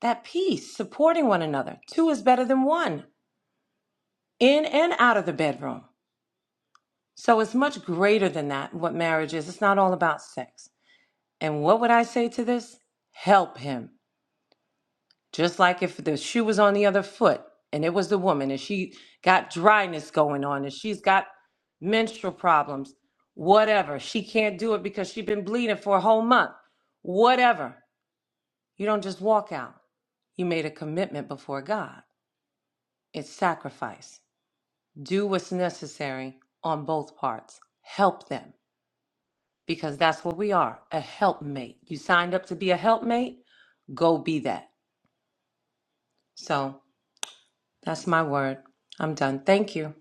[SPEAKER 11] that peace, supporting one another. Two is better than one in and out of the bedroom. So it's much greater than that, what marriage is. It's not all about sex. And what would I say to this? Help him. Just like if the shoe was on the other foot and it was the woman and she got dryness going on and she's got menstrual problems, whatever. She can't do it because she's been bleeding for a whole month, whatever. You don't just walk out. You made a commitment before God. It's sacrifice. Do what's necessary on both parts. Help them because that's what we are a helpmate. You signed up to be a helpmate, go be that. So that's my word. I'm done. Thank you.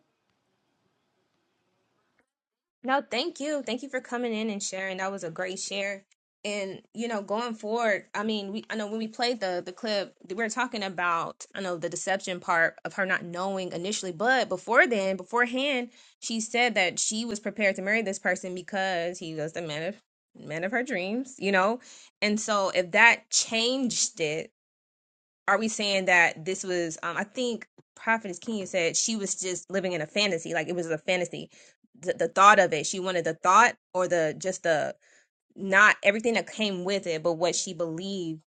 [SPEAKER 1] No, thank you. Thank you for coming in and sharing. That was a great share. And you know, going forward, I mean, we I know when we played the the clip, we were talking about I know the deception part of her not knowing initially, but before then, beforehand, she said that she was prepared to marry this person because he was the man of man of her dreams, you know. And so if that changed it, are we saying that this was um i think prophetess king said she was just living in a fantasy like it was a fantasy the, the thought of it she wanted the thought or the just the not everything that came with it but what she believed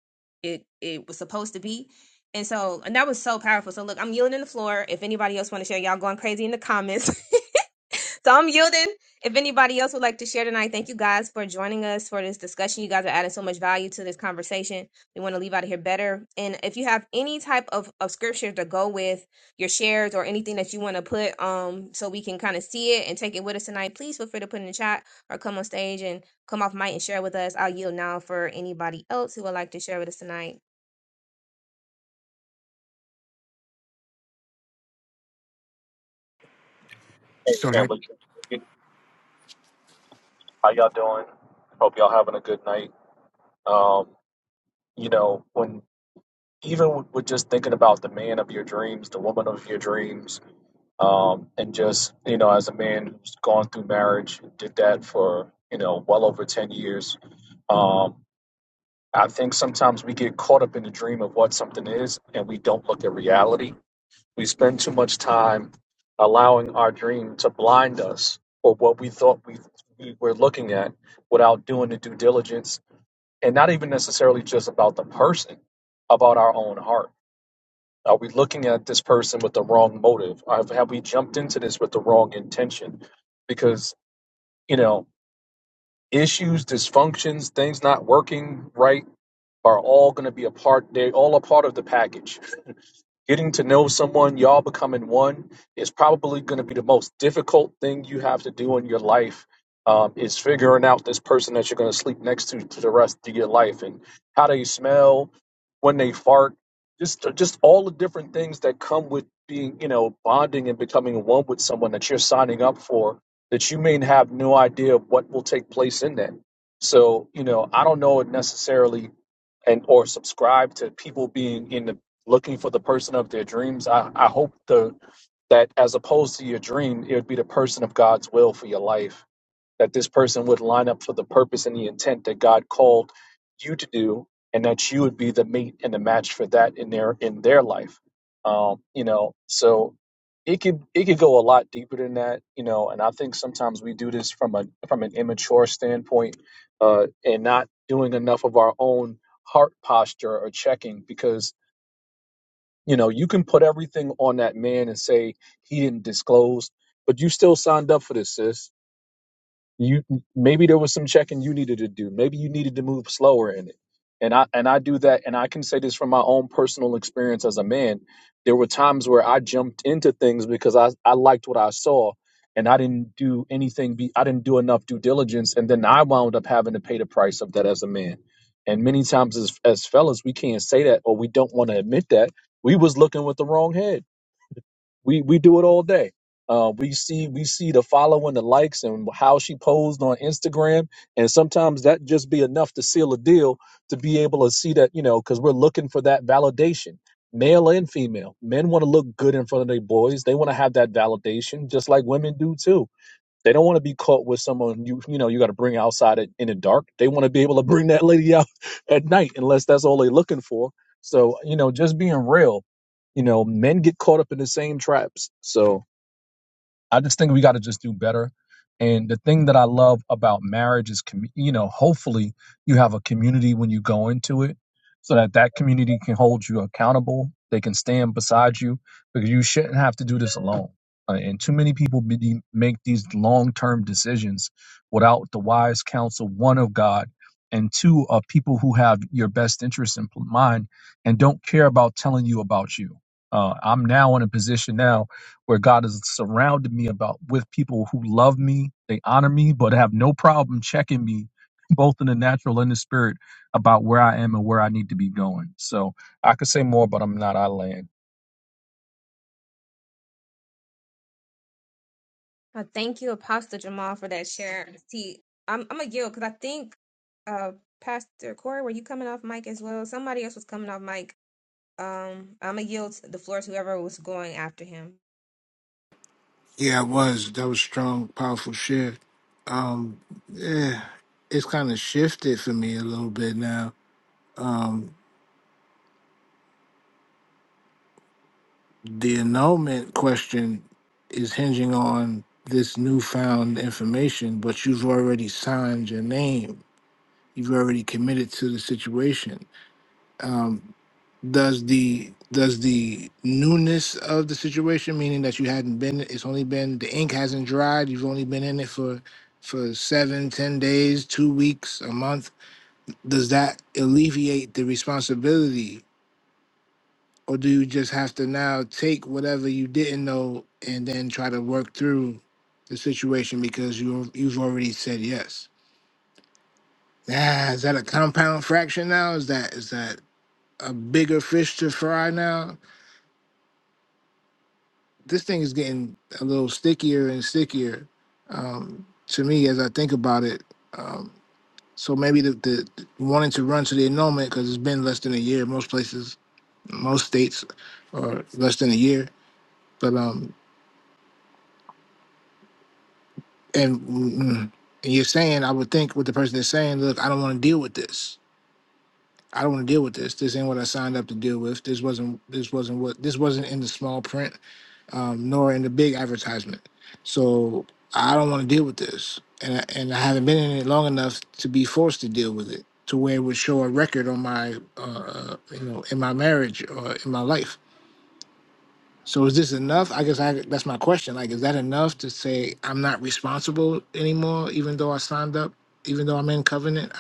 [SPEAKER 1] it it was supposed to be and so and that was so powerful so look i'm yielding the floor if anybody else want to share y'all going crazy in the comments So I'm yielding. If anybody else would like to share tonight, thank you guys for joining us for this discussion. You guys are adding so much value to this conversation. We want to leave out of here better. And if you have any type of, of scripture to go with your shares or anything that you want to put um so we can kind of see it and take it with us tonight, please feel free to put in the chat or come on stage and come off mic and share with us. I'll yield now for anybody else who would like to share with us tonight.
[SPEAKER 12] Hey,
[SPEAKER 9] So that
[SPEAKER 12] family. community, How y'all doing? Hope y'all having a good night. Um, you know, when even with with just thinking about the man of your dreams, the woman of your dreams, um, and just, you know, as a man who's gone through marriage, did that for, you know, well over 10 years, um, I think sometimes we get caught up in the dream of what something is and we don't look at reality. We spend too much time allowing our dream to blind us for what we thought we, we were looking at without doing the due diligence and not even necessarily just about the person, about our own heart. Are we looking at this person with the wrong motive? Have, have we jumped into this with the wrong intention? Because, you know, issues, dysfunctions, things not working right are all going to be a part, they're all a part of the package Getting to know someone, y'all becoming one, is probably going to be the most difficult thing you have to do in your life. Um, is figuring out this person that you're going to sleep next to to the rest of your life and how they smell, when they fart, just just all the different things that come with being, you know, bonding and becoming one with someone that you're signing up for that you may have no idea of what will take place in that. So, you know, I don't know it necessarily and or subscribe to people being in the looking for the person of their dreams. I, I hope the that as opposed to your dream, it would be the person of God's will for your life. That this person would line up for the purpose and the intent that God called you to do, and that you would be the mate and the match for that in their in their life. Um, you know, so it could it could go a lot deeper than that, you know. And I think sometimes we do this from a from an immature standpoint, uh, and not doing enough of our own heart posture or checking because you know, you can put everything on that man and say he didn't disclose, but you still signed up for this, sis you maybe there was some checking you needed to do maybe you needed to move slower in it and i and i do that and i can say this from my own personal experience as a man there were times where i jumped into things because i i liked what i saw and i didn't do anything be, i didn't do enough due diligence and then i wound up having to pay the price of that as a man and many times as as fellas we can't say that or we don't want to admit that we was looking with the wrong head we we do it all day. Uh, we see we see the following, the likes, and how she posed on Instagram, and sometimes that just be enough to seal a deal to be able to see that you know because we're looking for that validation, male and female. Men want to look good in front of their boys; they want to have that validation, just like women do too they don't want to be caught with someone you you know you got to bring outside it in the dark. They want to be able to bring that lady out at night, unless that's all they're looking for. So you know, just being real, you know, men get caught up in the same traps. So I just think we got to just do better. And the thing that I love about marriage is, commu- you know, hopefully you have a community when you go into it so that that community can hold you accountable. They can stand beside you because you shouldn't have to do this alone. Uh, and too many people be, make these long term decisions without the wise counsel, one of God, and two of people who have your best interest in mind and don't care about telling you about you. Uh, I'm now in a position now where God has surrounded me about with people who love me, they honor me, but have no problem checking me, both in the natural and the spirit, about where I am and where I need to be going. So I could say more, but I'm not. I land.
[SPEAKER 1] Uh, thank you, Apostle Jamal, for that share. See, I'm I'm a guild because I think uh Pastor Corey, were you coming off mic as well? Somebody else was coming off mic. Um, I'm a yield the floor to whoever was going after him.
[SPEAKER 9] yeah, it was that was strong, powerful shit. um yeah, it's kind of shifted for me a little bit now the annulment question is hinging on this newfound information but you've already signed your name you've already committed to the situation um does the does the newness of the situation meaning that you hadn't been it's only been the ink hasn't dried you've only been in it for for seven ten days two weeks a month does that alleviate the responsibility or do you just have to now take whatever you didn't know and then try to work through the situation because you you've already said yes ah, is that a compound fraction now is that is that a bigger fish to fry now this thing is getting a little stickier and stickier um, to me as i think about it um, so maybe the, the wanting to run to the annulment because it's been less than a year most places most states are less than a year. But um, and, mm, and you're saying, I would think what the person is saying, look, I don't want to deal with this. I don't want to deal with this. This ain't what I signed up to deal with. This wasn't. This wasn't what. This wasn't in the small print, um, nor in the big advertisement. So I don't want to deal with this, and I, and I haven't been in it long enough to be forced to deal with it to where it would show a record on my, uh, uh, you know, in my marriage or in my life. So is this enough? I guess I, that's my question. Like, is that enough to say I'm not responsible anymore, even though I signed up, even though I'm in covenant?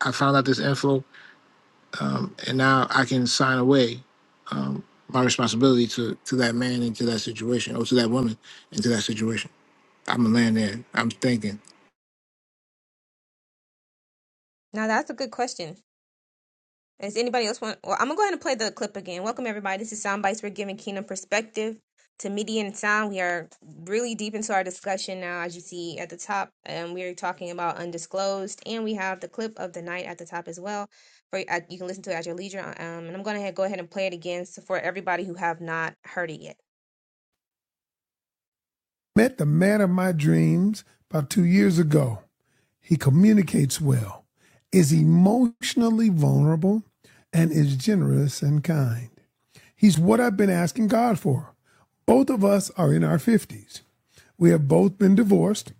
[SPEAKER 9] I found out this info, um, and now I can sign away um, my responsibility to to that man and to that situation, or to that woman and to that situation. I'm a man there. I'm thinking.
[SPEAKER 1] Now that's a good question. Does anybody else want? Well, I'm gonna go ahead and play the clip again. Welcome everybody. This is Sound Bites. We're giving kingdom perspective to media and sound. We are really deep into our discussion now, as you see at the top, and we are talking about undisclosed, and we have the clip of the night at the top as well. For uh, you can listen to it at your leisure. Um, and I'm gonna go ahead and play it again so for everybody who have not heard it yet.
[SPEAKER 2] Met the man of my dreams about two years ago. He communicates well, is emotionally vulnerable, and is generous and kind. He's what I've been asking God for. Both of us are in our 50s. We have both been divorced.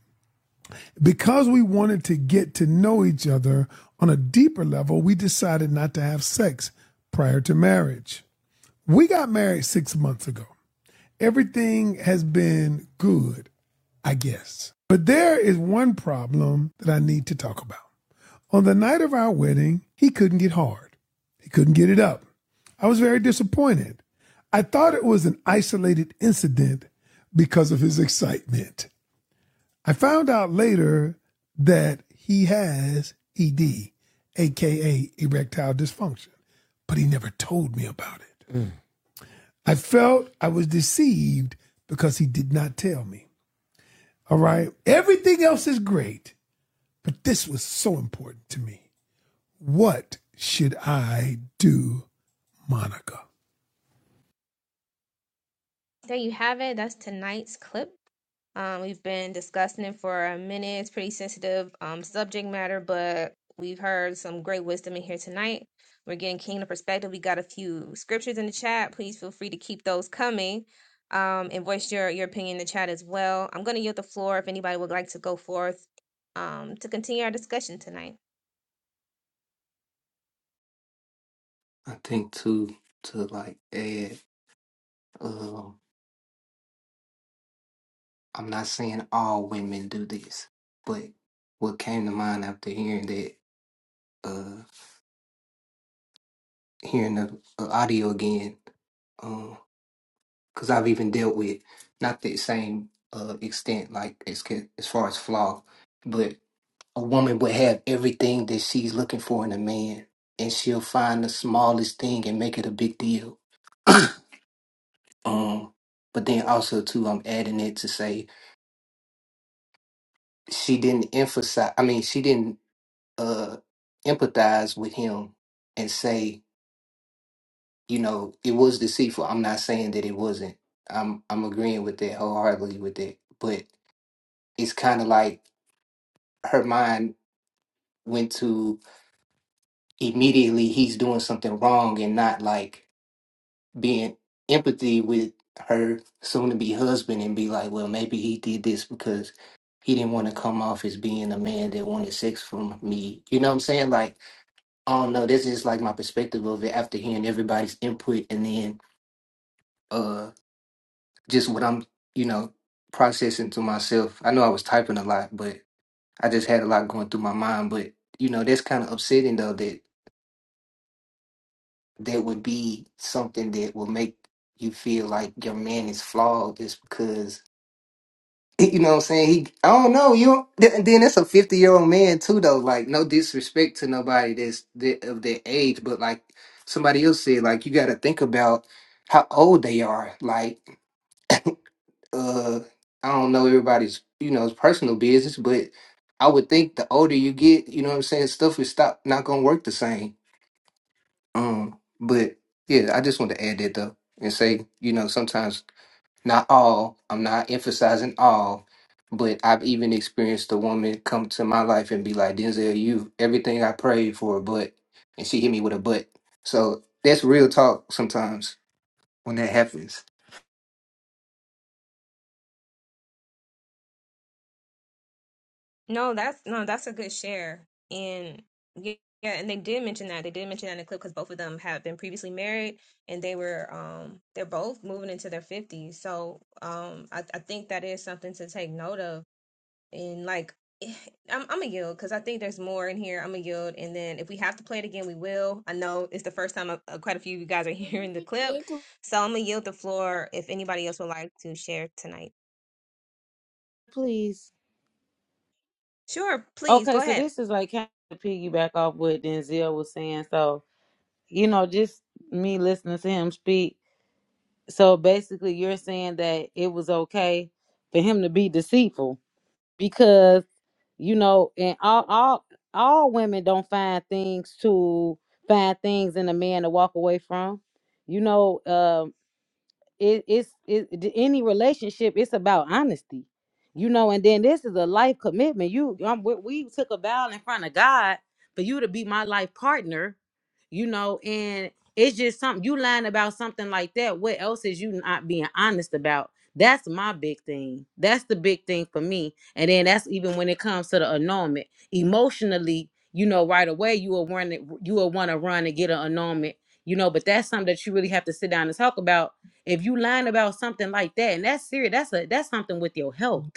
[SPEAKER 2] Because we wanted to get to know each other on a deeper level, we decided not to have sex prior to marriage. We got married six months ago. everything has been good, I guess. But there is one problem that I need to talk about. On the night of our wedding, he couldn't get hard. He couldn't get it up. I was very disappointed. I thought it was an isolated incident because of his excitement. I found out later that he has ED, aka erectile dysfunction, but he never told me about it. I felt I was deceived because he did not tell me. All right. Everything else is great, but this was so important to me. What should I do, Monica?
[SPEAKER 1] There you have it. That's tonight's clip. Um, we've been discussing it for a minute. It's pretty sensitive um, subject matter, but we've heard some great wisdom in here tonight. We're getting kingdom perspective. We got a few scriptures in the chat. Please feel free to keep those coming um, and voice your, your opinion in the chat as well. I'm going to yield the floor if anybody would like to go forth um, to continue our discussion tonight.
[SPEAKER 13] I think too to like add, um, I'm not saying all women do this, but what came to mind after hearing that, uh, hearing the uh, audio again, because I've even dealt with not the same uh, extent, like as ca- as far as flaw, but a woman would have everything that she's looking for in a man, and she'll find the smallest thing and make it a big deal. um, but then also too, I'm adding it to say she didn't emphasize i mean she didn't uh empathize with him and say you know it was deceitful i'm not saying that it wasn't i'm i'm agreeing with that wholeheartedly with that but it's kind of like her mind went to immediately he's doing something wrong and not like being empathy with her soon to be husband and be like well maybe he did this because he didn't want to come off as being a man that wanted sex from me you know what i'm saying like I don't know. That's just like my perspective of it after hearing everybody's input and then uh just what I'm, you know, processing to myself. I know I was typing a lot, but I just had a lot going through my mind. But you know, that's kind of upsetting though that that would be something that will make you feel like your man is flawed just because he- you know what I'm saying? He, I don't know. You don't, then then that's a 50 year old man too, though. Like, no disrespect to nobody that's that, of their age, but like somebody else said, like you got to think about how old they are. Like, uh, I don't know everybody's, you know, personal business, but I would think the older you get, you know what I'm saying, stuff is stop not gonna work the same. Um, but yeah, I just want to add that though and say, you know, sometimes. Not all, I'm not emphasizing all, but I've even experienced a woman come to my life and be like, Denzel, you everything I prayed for, but and she hit me with a but. So that's real talk sometimes when that happens.
[SPEAKER 1] No, that's no, that's a good share. And yeah, yeah, and they did mention that. They did mention that in the clip because both of them have been previously married and they were um they're both moving into their fifties. So um I, I think that is something to take note of. And like eh, I'm I'm a yield because I think there's more in here. I'm a yield, and then if we have to play it again, we will. I know it's the first time uh, uh, quite a few of you guys are hearing the clip, so I'm gonna yield the floor if anybody else would like to share tonight.
[SPEAKER 7] please.
[SPEAKER 1] Sure, please go
[SPEAKER 7] Okay, so
[SPEAKER 1] ahead.
[SPEAKER 7] this is like kind of piggyback off what Denzel was saying. So, you know, just me listening to him speak. So basically, you're saying that it was okay for him to be deceitful because, you know, and all all all women don't find things to find things in a man to walk away from. You know, uh, it, it's it, any relationship it's about honesty you know and then this is a life commitment you um, we, we took a vow in front of god for you to be my life partner you know and it's just something you lying about something like that what else is you not being honest about that's my big thing that's the big thing for me and then that's even when it comes to the annulment emotionally you know right away you will want to you will want to run and get an annulment you know but that's something that you really have to sit down and talk about if you lying about something like that and that's serious that's a that's something with your health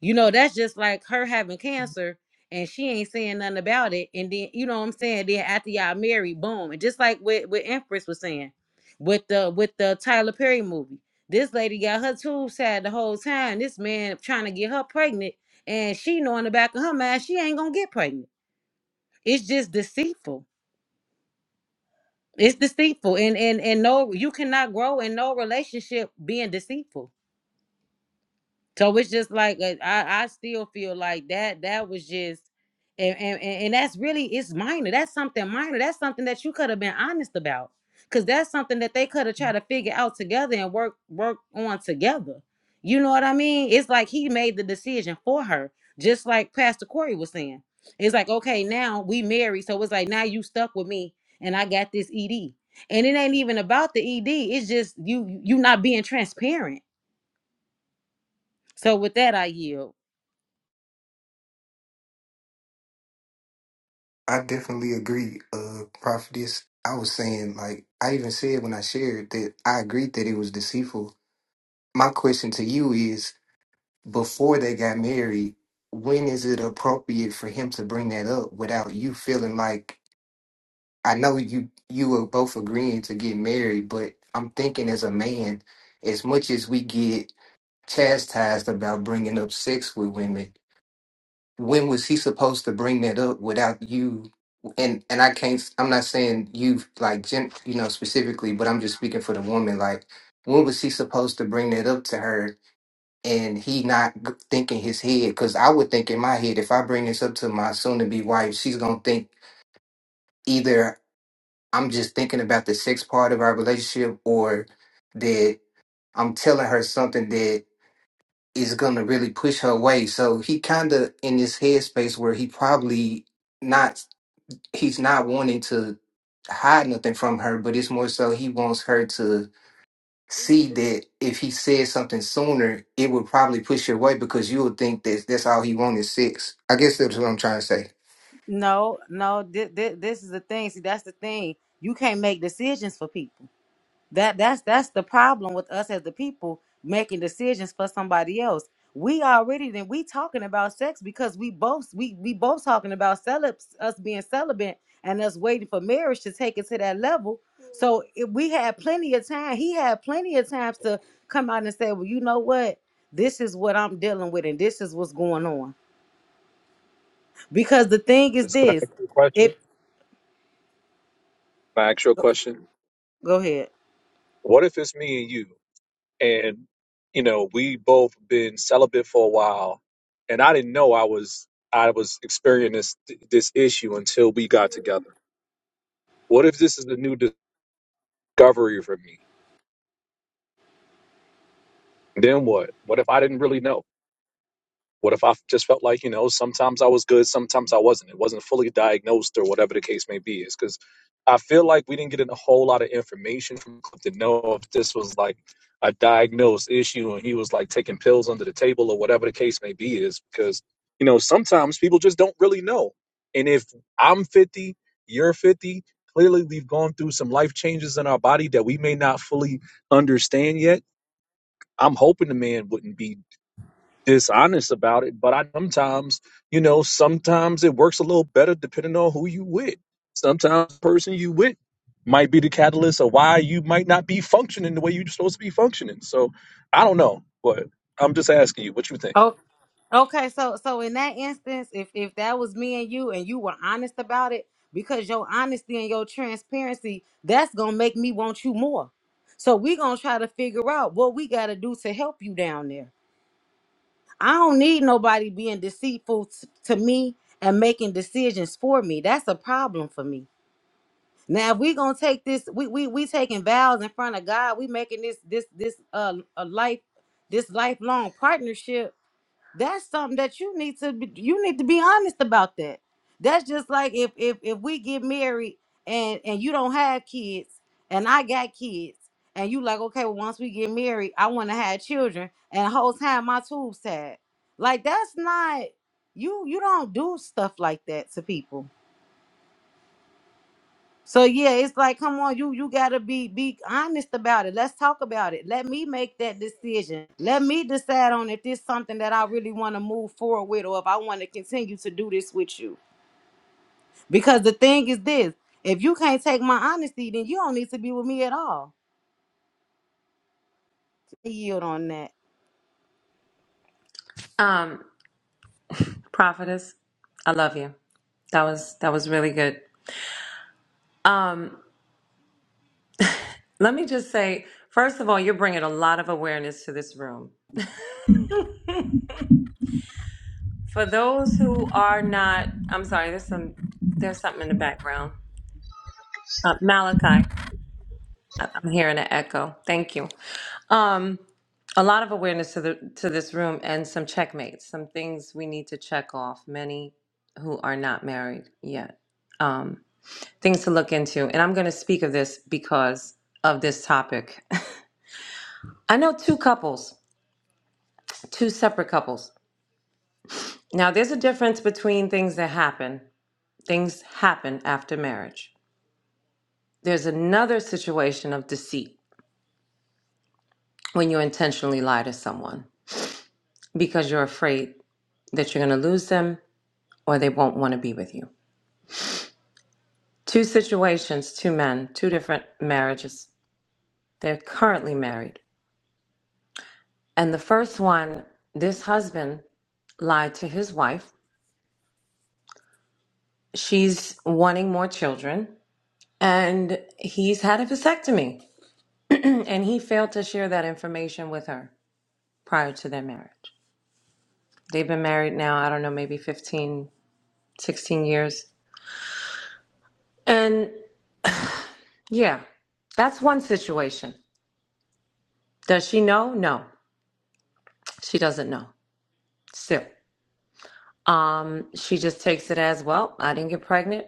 [SPEAKER 7] you know that's just like her having cancer and she ain't saying nothing about it and then you know what i'm saying then after y'all married boom and just like what what empress was saying with the with the tyler perry movie this lady got her tubes tied the whole time this man trying to get her pregnant and she know in the back of her mind she ain't gonna get pregnant it's just deceitful it's deceitful and and and no you cannot grow in no relationship being deceitful So it's just like uh, I, I still feel like that that was just and, and and and that's really it's minor. That's something minor. That's something that you could have been honest about. Cause that's something that they could have tried to figure out together and work work on together. You know what I mean? It's like he made the decision for her, just like Pastor Corey was saying. It's like, okay, now we married. So it's like now you stuck with me and I got this ED. And it ain't even about the ED. It's just you you not being transparent. So with that I yield.
[SPEAKER 13] I definitely agree, uh, prophetess. I was saying, like, I even said when I shared that I agreed that it was deceitful. My question to you is before they got married, when is it appropriate for him to bring that up without you feeling like I know you you were both agreeing to get married, but I'm thinking as a man, as much as we get chastised about bringing up sex with women, when was he supposed to bring that up without you? And and I can't. I'm not saying you like gen, you know specifically, but I'm just speaking for the woman. Like, when was he supposed to bring that up to her? And he not g- thinking his head because I would think in my head if I bring this up to my soon to be wife, she's gonna think either. I'm just thinking about the sex part of our relationship or that I'm telling her something that is gonna really push her away. So he kinda in this headspace where he probably not he's not wanting to hide nothing from her, but it's more so he wants her to see that if he said something sooner, it would probably push her away because you would think that that's all he wanted is sex. I guess that's what I'm trying to say.
[SPEAKER 7] No, no. This, this is the thing. See, that's the thing. You can't make decisions for people. That that's that's the problem with us as the people making decisions for somebody else. We already then we talking about sex because we both we we both talking about celibs us being celibate and us waiting for marriage to take it to that level. So if we had plenty of time. He had plenty of times to come out and say, "Well, you know what? This is what I'm dealing with, and this is what's going on." Because the thing is
[SPEAKER 12] Just can I
[SPEAKER 7] this.
[SPEAKER 12] ask you a question? Can I ask you a question?
[SPEAKER 7] Go ahead.
[SPEAKER 12] What if it's me and you, and you know we both been celibate for a while, and I didn't know I was I was experiencing this this issue until we got together. What if this is a new discovery for me? Then what? What if I didn't really know? What if I just felt like, you know, sometimes I was good, sometimes I wasn't. It wasn't fully diagnosed or whatever the case may be. Is because I feel like we didn't get a whole lot of information from Cliff to know if this was like a diagnosed issue and he was like taking pills under the table or whatever the case may be. Is because, you know, sometimes people just don't really know. And if I'm 50, you're 50, clearly we've gone through some life changes in our body that we may not fully understand yet. I'm hoping the man wouldn't be dishonest about it, but I sometimes, you know, sometimes it works a little better depending on who you with. Sometimes the person you with might be the catalyst of why you might not be functioning the way you're supposed to be functioning. So I don't know, but I'm just asking you what you think.
[SPEAKER 7] Oh, okay. So, so in that instance, if if that was me and you, and you were honest about it, because your honesty and your transparency, that's gonna make me want you more. So we gonna try to figure out what we gotta do to help you down there. I don't need nobody being deceitful t- to me and making decisions for me. That's a problem for me. Now, if we gonna take this, we we we taking vows in front of God. We making this this this uh a life this lifelong partnership that's something that you need to be, you need to be honest about that that's just like if if if we get married and and you don't have kids and i got kids and you like okay well, once we get married i want to have children and the whole time my tubes tied like that's not you you don't do stuff like that to people so yeah, it's like, come on, you you gotta be be honest about it. Let's talk about it. Let me make that decision. Let me decide on if this something that I really want to move forward with, or if I want to continue to do this with you. Because the thing is this: if you can't take my honesty, then you don't need to be with me at all. I yield on that.
[SPEAKER 11] Um, prophetess, I love you. That was that was really good. Um, let me just say, first of all, you're bringing a lot of awareness to this room. For those who are not, I'm sorry. There's some there's something in the background. Uh, Malachi, I- I'm hearing an echo. Thank you. Um, a lot of awareness to the to this room and some checkmates, some things we need to check off. Many who are not married yet, um, things to look into. And I'm going to speak of this because of this topic. I know two couples, two separate couples. Now, there's a difference between things that happen. Things happen after marriage. There's another situation of deceit when you intentionally lie to someone because you're afraid that you're going to lose them or they won't want to be with you. Two situations, two men, two different marriages. They're currently married. And the first one, this husband lied to his wife. She's wanting more children, and he's had a vasectomy, and he failed to share that information with her prior to their marriage. They've been married now, I don't know, maybe 15, 16 years. And yeah, that's one situation. Does she know? No, she doesn't know. So, um, she just takes it as well. I didn't get pregnant.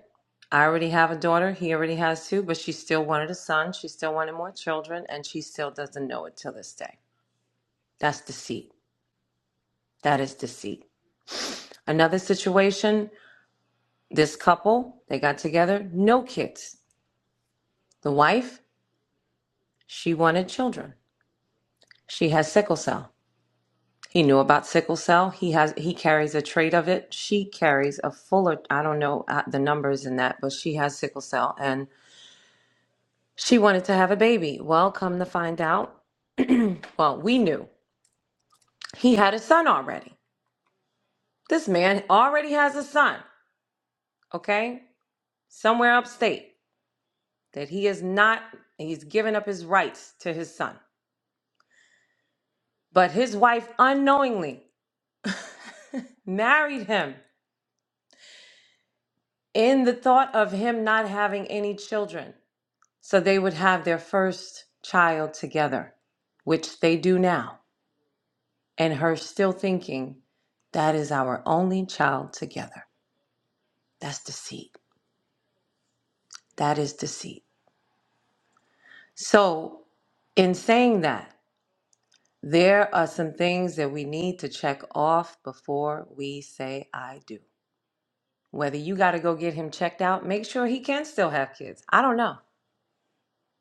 [SPEAKER 11] I already have a daughter. He already has two, but she still wanted a son. She still wanted more children, and she still doesn't know it till this day. That's deceit. That is deceit. Another situation this couple, they got together, no kids. The wife, she wanted children. She has sickle cell. He knew about sickle cell. He has he carries a trait of it. She carries a fuller I don't know uh, the numbers in that, but she has sickle cell and She wanted to have a baby. Well, come to find out, well, we knew he had a son already. This man already has a son, okay? Somewhere upstate that he is not, he's given up his rights to his son. But his wife unknowingly married him in the thought of him not having any children. So they would have their first child together, which they do now. And her still thinking, that is our only child together. That's deceit. That is deceit. So, in saying that, there are some things that we need to check off before we say, I do. Whether you got to go get him checked out, make sure he can still have kids. I don't know.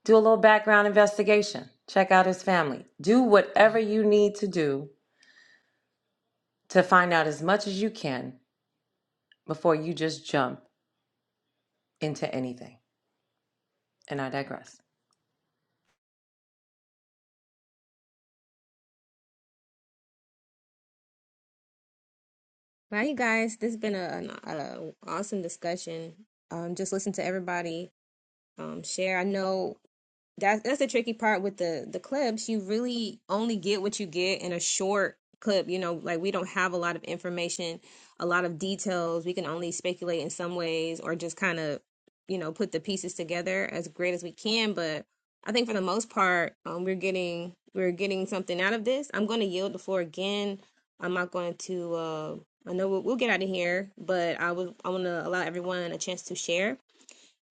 [SPEAKER 11] Do a little background investigation, check out his family. Do whatever you need to do to find out as much as you can before you just jump into anything. And I digress.
[SPEAKER 1] Bye, you guys. This has been an awesome discussion. Um, just listen to everybody um, share. I know that's that's the tricky part with the the clips. You really only get what you get in a short clip. You know, like we don't have a lot of information, a lot of details. We can only speculate in some ways, or just kind of, you know, put the pieces together as great as we can. But I think for the most part, um, we're getting we're getting something out of this. I'm going to yield the floor again. I'm not going to. Uh, I know we'll, we'll get out of here, but I would I want to allow everyone a chance to share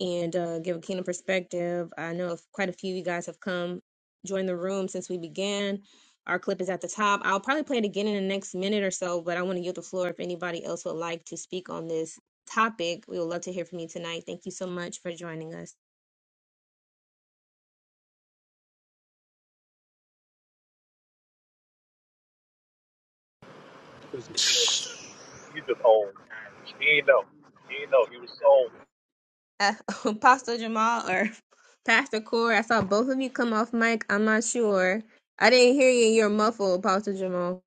[SPEAKER 1] and uh, give a kingdom perspective. I know of quite a few of you guys have come join the room since we began. Our clip is at the top. I'll probably play it again in the next minute or so, but I want to yield the floor if anybody else would like to speak on this topic. We would love to hear from you tonight. Thank you so much for joining us.
[SPEAKER 12] Because he just owned. He ain't know. He ain't know. He was sold.
[SPEAKER 1] Uh, Apostle Jamal or Pastor Core, I saw both of you come off mic. I'm not sure. I didn't hear you. You're muffled, Apostle Jamal.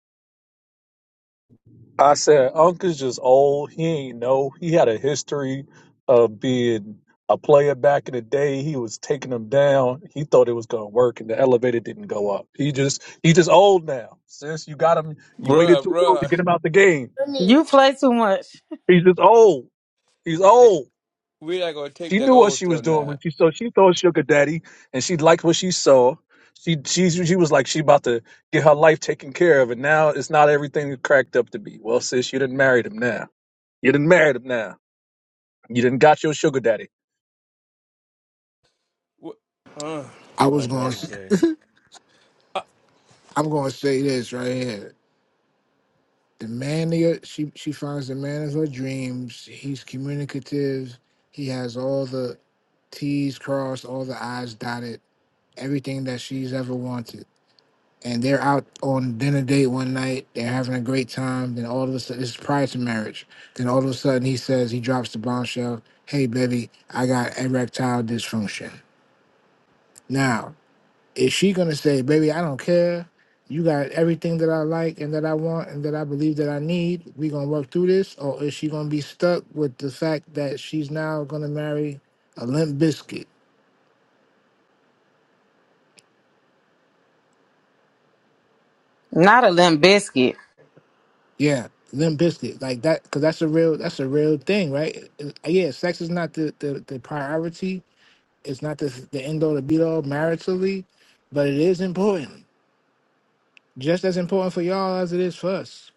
[SPEAKER 12] I said, Uncle's just old. He ain't know. He had a history of being a player back in the day. He was taking them down. He thought it was gonna work, and the elevator didn't go up. He just he just old now. Since you got him, you waited
[SPEAKER 14] Bruh,
[SPEAKER 12] too long to
[SPEAKER 14] bruh.
[SPEAKER 12] get him out the game.
[SPEAKER 7] You play too much.
[SPEAKER 12] He's just old. He's
[SPEAKER 14] Hey,
[SPEAKER 12] old.
[SPEAKER 14] we not gonna take
[SPEAKER 12] She
[SPEAKER 14] that
[SPEAKER 12] knew what
[SPEAKER 14] old
[SPEAKER 12] she was
[SPEAKER 14] stuff
[SPEAKER 12] doing
[SPEAKER 14] now.
[SPEAKER 12] when she saw. she thought sugar daddy, and she liked what she saw. She she she was like she about to get her life taken care of, and now it's not everything it cracked up to be. Well, sis, you didn't marry him now. You done married him now. You done got your sugar daddy.
[SPEAKER 14] What? Uh,
[SPEAKER 9] I was
[SPEAKER 14] my
[SPEAKER 9] going.
[SPEAKER 14] God,
[SPEAKER 9] to
[SPEAKER 14] today. Uh,
[SPEAKER 9] I'm going to say this right here. The man of your, she she finds the man of her dreams. He's communicative. He has all the T's crossed, all the I's dotted, everything that she's ever wanted. And they're out on dinner date one night. They're having a great time. Then all of a sudden, this is prior to marriage. Then all of a sudden, he says, he drops the bombshell. Hey, baby, I got erectile dysfunction. Now, is she going to say, baby, I don't care. You got everything that I like and that I want and that I believe that I need. we going to work through this. Or is she going to be stuck with the fact that she's now going to marry a limp biscuit?
[SPEAKER 7] Not a limp biscuit.
[SPEAKER 9] Yeah, Limp Bizkit, like that, because that's a real that's a real thing, right? Uh, Yeah, sex is not the the, the priority. It's not the the end all, the be all maritally, but it is important, just as important for y'all as it is for us.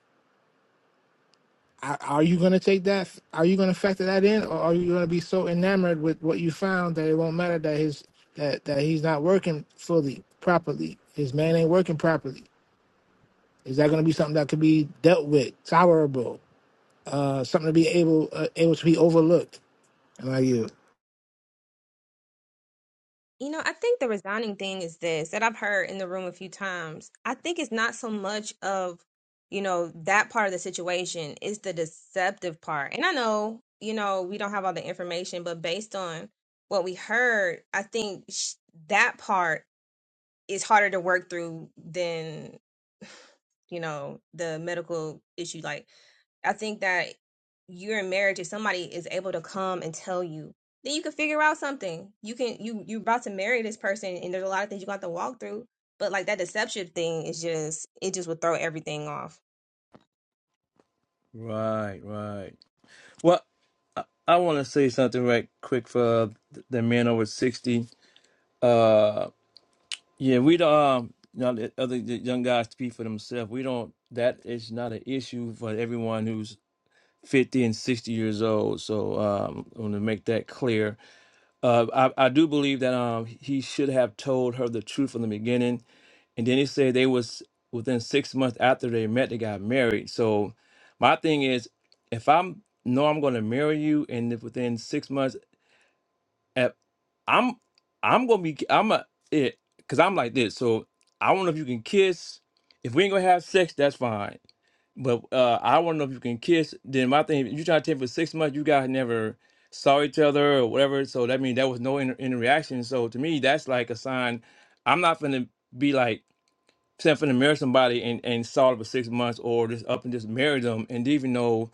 [SPEAKER 9] Are are you gonna take that? Are you gonna factor that in, or are you gonna be so enamored with what you found that it won't matter that his that that he's not working fully properly? His man ain't working properly. Is that gonna be something that could be dealt with, tolerable, uh, something to be able uh, able to be overlooked? And I you.
[SPEAKER 1] You know, I think the resigning thing is this that I've heard in the room a few times. I think it's not so much of, you know, that part of the situation, it's the deceptive part. And I know, you know, we don't have all the information, but based on what we heard, I think sh- that part is harder to work through than, you know, the medical issue. Like, I think that you're in marriage if somebody is able to come and tell you, then you can figure out something. You can you you're about to marry this person and there's a lot of things you got to walk through. But like that deception thing is just it just would throw everything off.
[SPEAKER 14] right, right. Well, I, I want to say something right quick for the, the men over sixty. Uh, yeah, we don't. Um, you know, let other the young guys speak for themselves. We don't. That is not an issue for everyone who's fifty and sixty years old. So, um, I want to make that clear. Uh, I, I do believe that um he should have told her the truth from the beginning And then he said they was within six months after they met, they got married. So my thing is, if I'm know I'm gonna marry you, and if within six months, if I'm I'm gonna be I'm a it because I'm like this. So I don't know if you can kiss. If we ain't gonna have sex, that's fine. But uh, I want to know if you can kiss. Then my thing, you try to take for six months, you guys never saw each other or whatever. So that means there was no inter- interaction. So to me, that's like a sign. I'm not gonna be like except for to marry somebody and, and saw it for six months or just up and just marry them and even know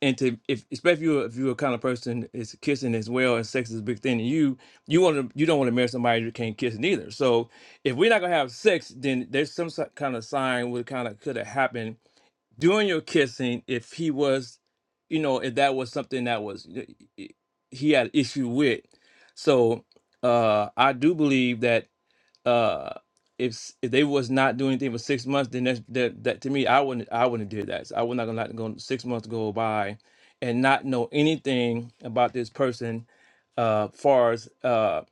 [SPEAKER 14] and to if especially if you're if you're a kind of person is kissing as well and sex is a big thing and you you want to you don't want to marry somebody who can't kiss neither so if we're not gonna have sex then there's some si- kind of sign what kind of could have happened during your kissing if he was you know if that was something that was he had issue with so uh i do believe that uh if if they was not doing anything for six months, then that's that, that to me I wouldn't I wouldn't have did that. So I would not gonna let go six months go by and not know anything about this person uh far as uh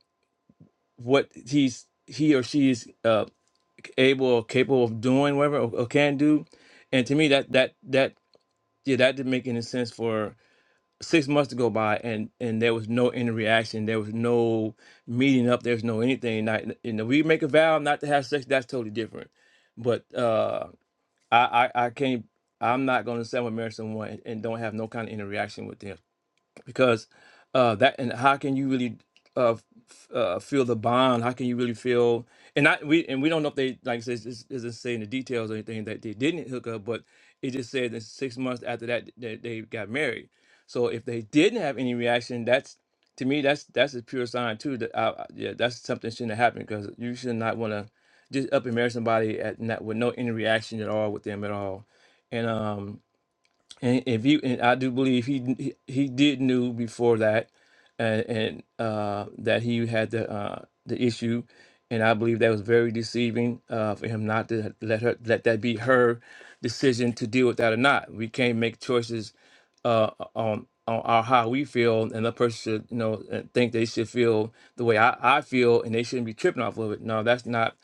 [SPEAKER 14] what he's he or she is uh able or capable of doing whatever or, or can do. And to me that that that yeah that didn't make any sense for six months to go by and and there was no interaction there was no meeting up there's no anything not and if we make a vow not to have sex that's totally different but uh i i, I can't i'm not going to settle marriage to someone and, and don't have no kind of interaction with them because uh that and how can you really uh, f- uh feel the bond how can you really feel and I we and we don't know if they like I said this doesn't say in the details or anything that they didn't hook up but it just said that six months after that that they got married so if they didn't have any reaction that's to me that's that's a pure sign too that I, I- yeah that's something shouldn't have happened because you should not want to just up and marry somebody at not with no any reaction at all with them at all and um and if you and I do believe he he, he did knew before that, and, and uh, that he had the uh, the issue, and I believe that was very deceiving uh, for him not to let her let that be her decision to deal with that or not. We can't make choices uh, on on our, how we feel, and the person should you know uh, think they should feel the way I, I feel, and they shouldn't be tripping off of it. No, that's not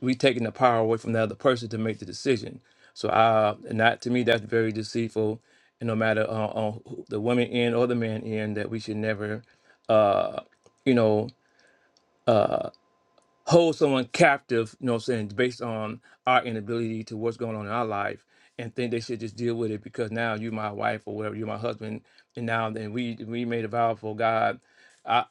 [SPEAKER 14] we taking the power away from the other person to make the decision. So uh, and that to me that's very deceitful. And no matter uh, on who- the woman end or the man end, that we should never, uh, you know. uh, hold someone captive, you know what I'm saying, based on our inability to what's going on in our life and think they should just deal with it because now you're my wife or whatever, you're my husband, and now then we we made a vow for God. I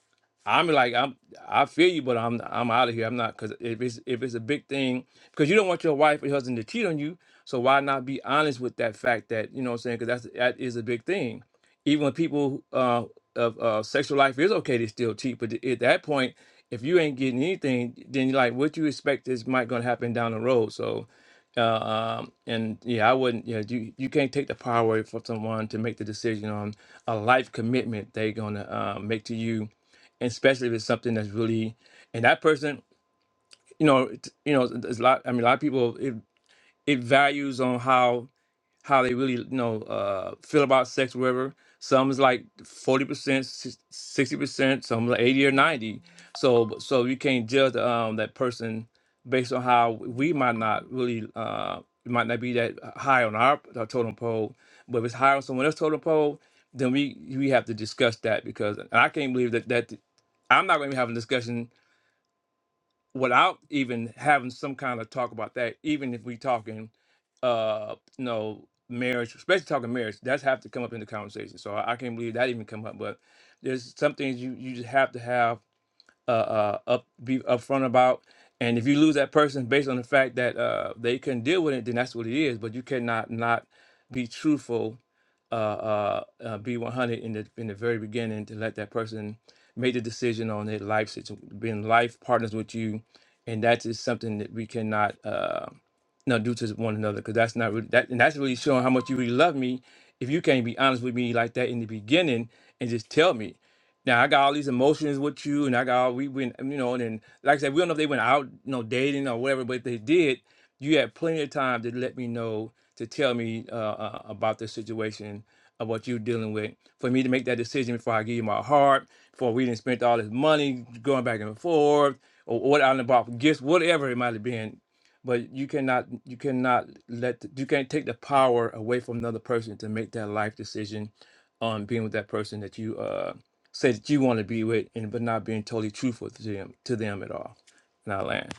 [SPEAKER 14] I'm like I'm I feel you, but I'm I'm out of here. I'm not because if it's if it's a big thing, because you don't want your wife or your husband to cheat on you, so why not be honest with that fact that you know what I'm saying? Because that's that is a big thing. Even when people uh of uh, sexual life is okay to still cheat, but at that point if you ain't getting anything, then like what you expect is might gonna happen down the road. So, uh, um, and yeah, I wouldn't. Yeah, you you can't take the power away from someone to make the decision on a life commitment they're gonna uh, make to you, and especially if it's something that's really and that person, you know, t- you know, there's a lot. I mean, a lot of people it it values on how how they really you know uh, feel about sex, whatever. Some is like forty percent, si-, sixty percent. Some like eighty or ninety. So but- so you can't judge um, that person based on how we might not really uh, we might not be that high on our, our totem pole. But if it's high on someone else's totem pole, then we we have to discuss that because and I can't believe that that I'm not going to be having a discussion without even having some kind of talk about that, even if we talking uh you know marriage, especially talking marriage, that's have to come up in the conversation. So I, I can't believe that even come up. But there's some things you you just have to have uh, uh up be upfront about. And if you lose that person based on the fact that uh they couldn't deal with it, then that's what it is. But you cannot not be truthful uh, uh, uh, B100 in the in the very beginning to let that person make the decision on their life situation, being life partners with you, and that is something that we cannot uh, not do to one another because that's not really, that and that's really showing how much you really love me. If you can't be honest with me like that in the beginning and just tell me, now I got all these emotions with you, and I got all we went, um, you know, and then, like I said, we don't know if they went out, you know, dating or whatever, but if they did, you had plenty of time to let me know to tell me uh, uh, about the situation of what you're dealing with for me to make that decision before I give you my heart, before we didn't spend all this money going back and forth, or what I done bought for gifts, whatever it might have been. But you cannot, you cannot let, you can't take the power away from another person to make that life decision on being with that person that you uh say that you want to be with, and but not being totally truthful to them, to them at all. Not land.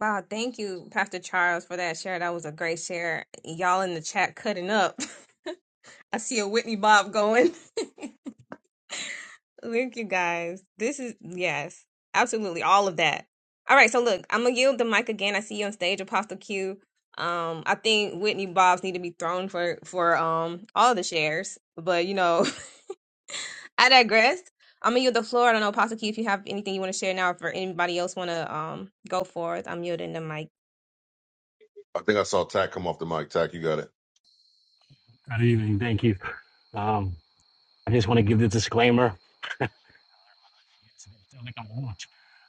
[SPEAKER 1] Wow, thank you, Pastor Charles, for that share. That was a great share. Y'all in the chat cutting up. I see a Whitney Bob going. Look, you guys. This is, yes, absolutely all of that. All right, so look, I'm gonna yield the mic again. I see you on stage, Apostle Q. Um, I think Whitney Bobs need to be thrown for for um all the shares, but you know, I digress. I'm gonna yield the floor. I don't know, Apostle Q, if you have anything you want to share now, for anybody else want to um go forth, I'm yielding the mic.
[SPEAKER 15] I think I saw Tack come off the mic. Tack, you got it.
[SPEAKER 16] Good evening. Thank you. Um, I just want to give the disclaimer.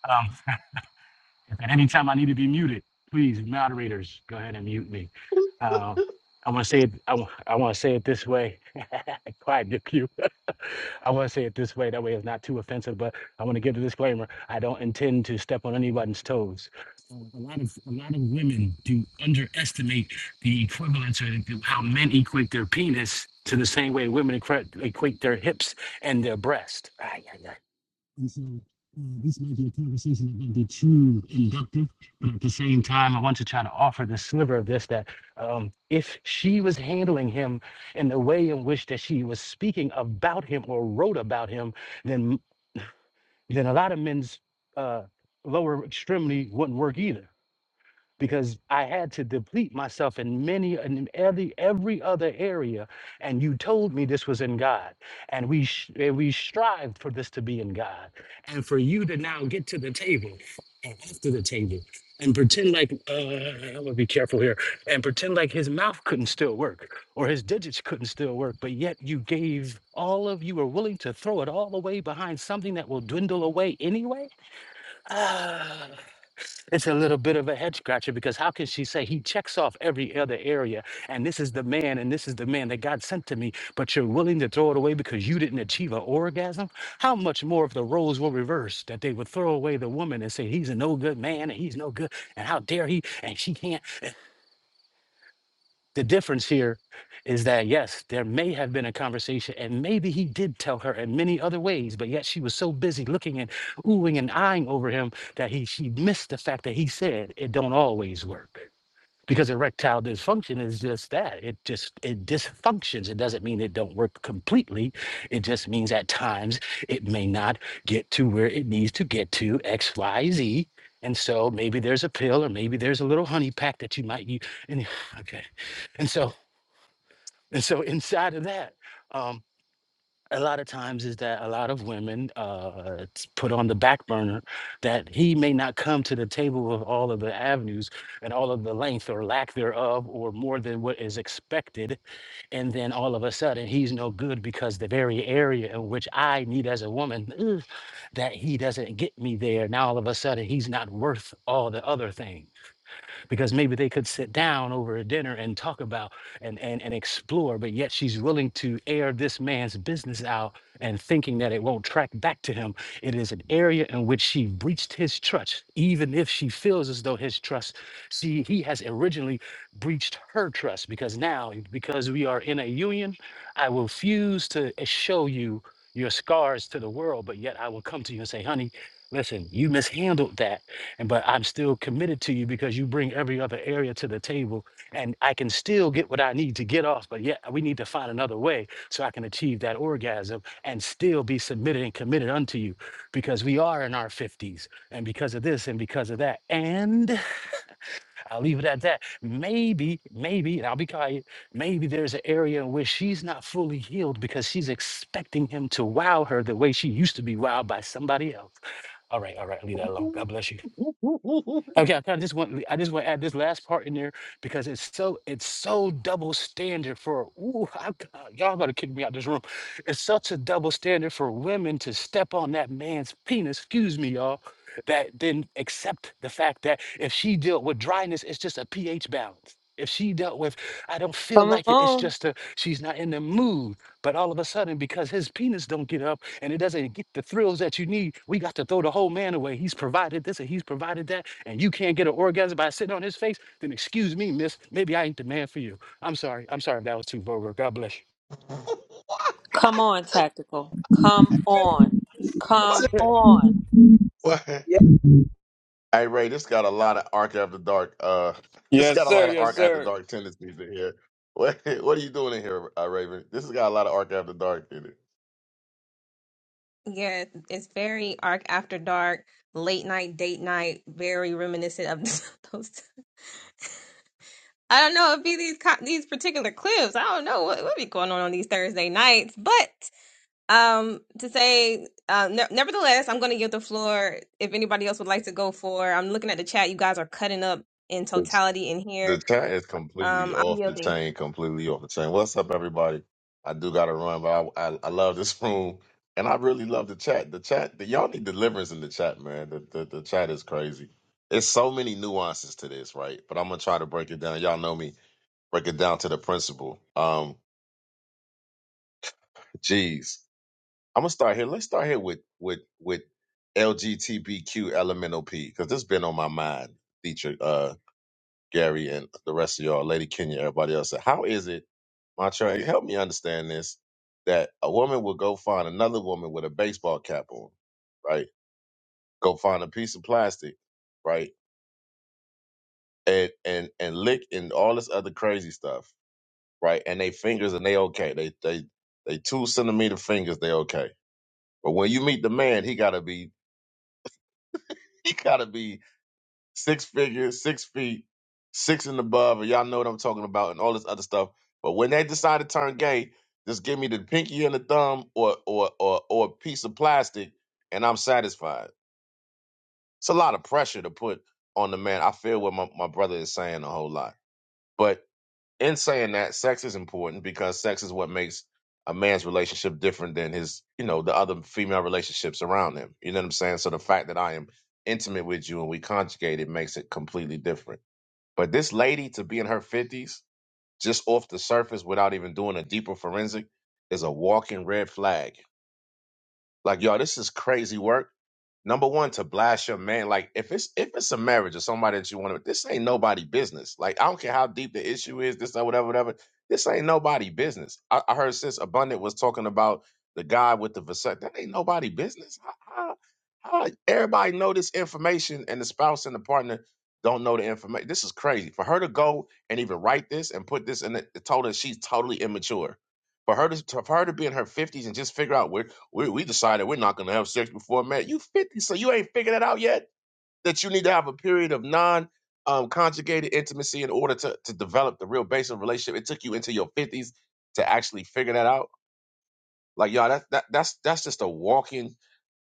[SPEAKER 16] Um, and anytime I need to be muted, please, moderators, go ahead and mute me. Uh, I want to say it. I, want to say it this way. Quiet, Nick, you. I want to say it this way. That way, it's not too offensive. But I want to give the disclaimer. I don't intend to step on anybody's toes. A lot of a lot of women do underestimate the equivalence or the- how men equate their penis to the same way women equa- equate their hips and their breast. And so uh, this might be a conversation that might be too inductive, but at the same time, I want to try to offer the sliver of this that um, if she was handling him in the way in which that she was speaking about him or wrote about him, then then a lot of men's uh, lower extremity wouldn't work either because I had to deplete myself in many and every every other area. And you told me this was in God, and we sh- and we strived for this to be in God, and for you to now get to the table and after the table and pretend like uh, I'm gonna be careful here and pretend like his mouth couldn't still work or his digits couldn't still work, but yet you gave all of you were willing to throw it all away behind something that will dwindle away anyway. It's a little bit of a head scratcher because how can she say he checks off every other area and this is the man and this is the man that God sent to me, but you're willing to throw it away because you didn't achieve an orgasm? How much more if the roles were reversed that they would throw away the woman and say he's a no good man and he's no good and how dare he and she can't? The difference here is that, yes, there may have been a conversation, and maybe he did tell her in many other ways, but yet she was so busy looking and oohing and eyeing over him that he she missed the fact that he said it don't always work because erectile dysfunction is just that it just it dysfunctions it doesn't mean it don't work completely it just means at times it may not get to where it needs to get to x y z and so maybe there's a pill or maybe there's a little honey pack that you might use and okay and so and so inside of that um, a lot of times is that a lot of women uh it's put on the back burner that he may not come to the table of all of the avenues and all of the length or lack thereof or more than what is expected and then all of a sudden he's no good because the very area in which i need as a woman ugh, that he doesn't get me there now all of a sudden he's not worth all the other things because maybe they could sit down over a dinner and talk about and, and, and explore, but yet she's willing to air this man's business out and thinking that it won't track back to him. It is an area in which she breached his trust, even if she feels as though his trust, see, he has originally breached her trust because now, because we are in a union, I will refuse to eh, show you your scars to the world, but yet I will come to you and say, honey, listen, you mishandled that and but I'm still committed to you because you bring every other area to the table and I can still get what I need to get off, but yet we need to find another way so I can achieve that orgasm and still be submitted and committed unto you because we are in our 50s and because of this and because of that. And I'll leave it at that. Maybe, maybe, and I'll be quiet, maybe there's an area in which she's not fully healed because she's expecting him to wow her the way she used to be wowed by somebody else. All right, all right, leave that alone. God bless you. Okay, I kind of just want I just want to add this last part in there because it's so it's so double standard for ooh I, y'all about to kick me out this room. It's such a double standard for women to step on that man's penis. Excuse me, y'all. That then accept the fact that if she dealt with dryness, it's just a pH balance. If she dealt with I don't feel
[SPEAKER 11] Come
[SPEAKER 16] like it, it's
[SPEAKER 11] on.
[SPEAKER 16] just a she's not in the mood. But all of a sudden, because his penis don't get up and it doesn't get the thrills that you need, we got to throw the whole man away. He's provided this and he's provided that, and you can't get an orgasm by sitting on his face, then excuse me, miss, maybe I ain't the man for you. I'm sorry. I'm sorry if that was too vulgar. God bless you.
[SPEAKER 15] what?
[SPEAKER 11] Come on, tactical. Come on.
[SPEAKER 15] What?
[SPEAKER 11] Come on.
[SPEAKER 15] What?
[SPEAKER 6] yeah.
[SPEAKER 15] Hey Ray, this got a lot of arc after dark. Uh, this
[SPEAKER 14] Yes,
[SPEAKER 15] got a
[SPEAKER 14] sir.
[SPEAKER 15] lot of
[SPEAKER 14] Yes,
[SPEAKER 15] arc after
[SPEAKER 14] sir.
[SPEAKER 15] dark tendencies in here. What? What are you doing in here, uh, Raven? This has got a lot of arc after dark in
[SPEAKER 1] Yeah, it's very arc after dark, late night, date night, very reminiscent of those I don't know. It'd be these co- these particular clips. I don't know what what be going on on these Thursday nights. But um, to say, uh, ne- nevertheless, I'm going to give the floor if anybody else would like to go for. I'm looking at the chat. You guys are cutting up in
[SPEAKER 15] it.
[SPEAKER 1] totality in
[SPEAKER 15] The
[SPEAKER 1] here.
[SPEAKER 15] chat is completely
[SPEAKER 1] Um, I'm
[SPEAKER 15] off the
[SPEAKER 1] yielding.
[SPEAKER 15] chain, completely off the chain. What's up, everybody? I do got to run, but I, I I love this room, and I really love the chat. The chat, the, y'all need deliverance in the chat, man. The, the the chat is crazy. It's so many nuances to this, right? But I'm gonna try to break it down. Y'all know me, break it down to the principle. Um, geez, I'm gonna start here. Let's start here with with with LGBTQ elemental P because this been on my mind, Dietrich. uh, Gary and the rest of y'all, Lady Kenya, everybody else. How is it, Montreal, help me understand this, that a woman will go find another woman with a baseball cap on, right? Go find a piece of plastic, right? And and and lick and all this other crazy stuff, right? And they fingers and they okay. They they they two centimeter fingers, they okay. But when you meet the man, he gotta be he gotta be six figures, six feet, six and above, and y'all know what I'm talking about, and all this other stuff. But when they decide to turn gay, just give me the pinky and the thumb, or or or or a piece of plastic, and I'm satisfied. It's a lot of pressure to put on the man. I feel what my, my brother is saying a whole lot. But in saying that, sex is important because sex is what makes a man's relationship different than his, you know, the other female relationships around him. You know what I'm saying? So the fact that I am intimate with you and we conjugate, it makes it completely different. But this lady to be in her 50s, just off the surface without even doing a deeper forensic, is a walking red flag. Like, y'all, this is crazy work. Number one, to blast your man. Like if it's if it's a marriage or somebody that you want to, this ain't nobody business. Like I don't care how deep the issue is, this or whatever, whatever. This ain't nobody business. I, I heard since Abundant was talking about the guy with the vasect. That ain't nobody business. How, how, how everybody know this information and the spouse and the partner don't know the information. This is crazy. For her to go and even write this and put this in it, it told her she's totally immature. For her to for her to be in her fifties and just figure out where we we decided we're not gonna have sex before marriage. You fifty, so you ain't figured it out yet that you need to have a period of non um, conjugated intimacy in order to to develop the real base of relationship. It took you into your fifties to actually figure that out. Like y'all, that, that that's that's just a walking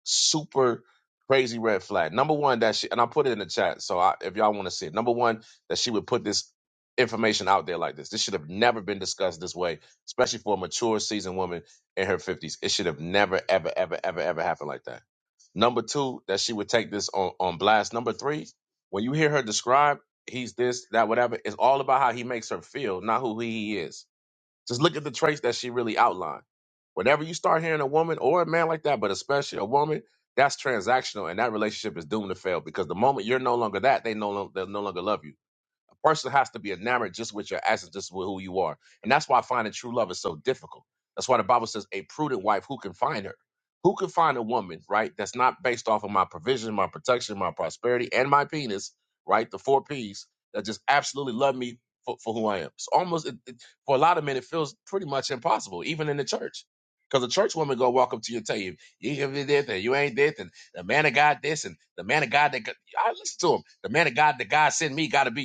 [SPEAKER 15] super crazy red flag. Number one, that she and I put it in the chat. So I, if y'all want to see it, number one, that she would put this information out there like this. This should have never been discussed this way, especially for a mature, seasoned woman in her fifties. It should have never, ever, ever, ever, ever happened like that. Number two, that she would take this on on blast. Number three, when you hear her describe, he's this, that, whatever. It's all about how he makes her feel, not who he is just look at the traits that she really outlined. Whenever you start hearing a woman or a man like that, but especially a woman, that's transactional, and that relationship is doomed to fail because the moment you're no longer that, they no longer they no longer love you. A person has to be enamored just with your essence, just with who you are. And that's why finding true love is so difficult. That's why the Bible says, a prudent wife, who can find her? Who can find a woman, right? That's not based off of my provision, my protection, my prosperity, and my penis, right? The four P's that just absolutely love me for, for who I am. It's almost, it, it- for a lot of men, it feels pretty much impossible, even in the church. Because a church woman go walk up to you and tell you, you give me this and you ain't this and the man of God this and the man of God that God-" I listen to him. The man of God that God sent me got to be.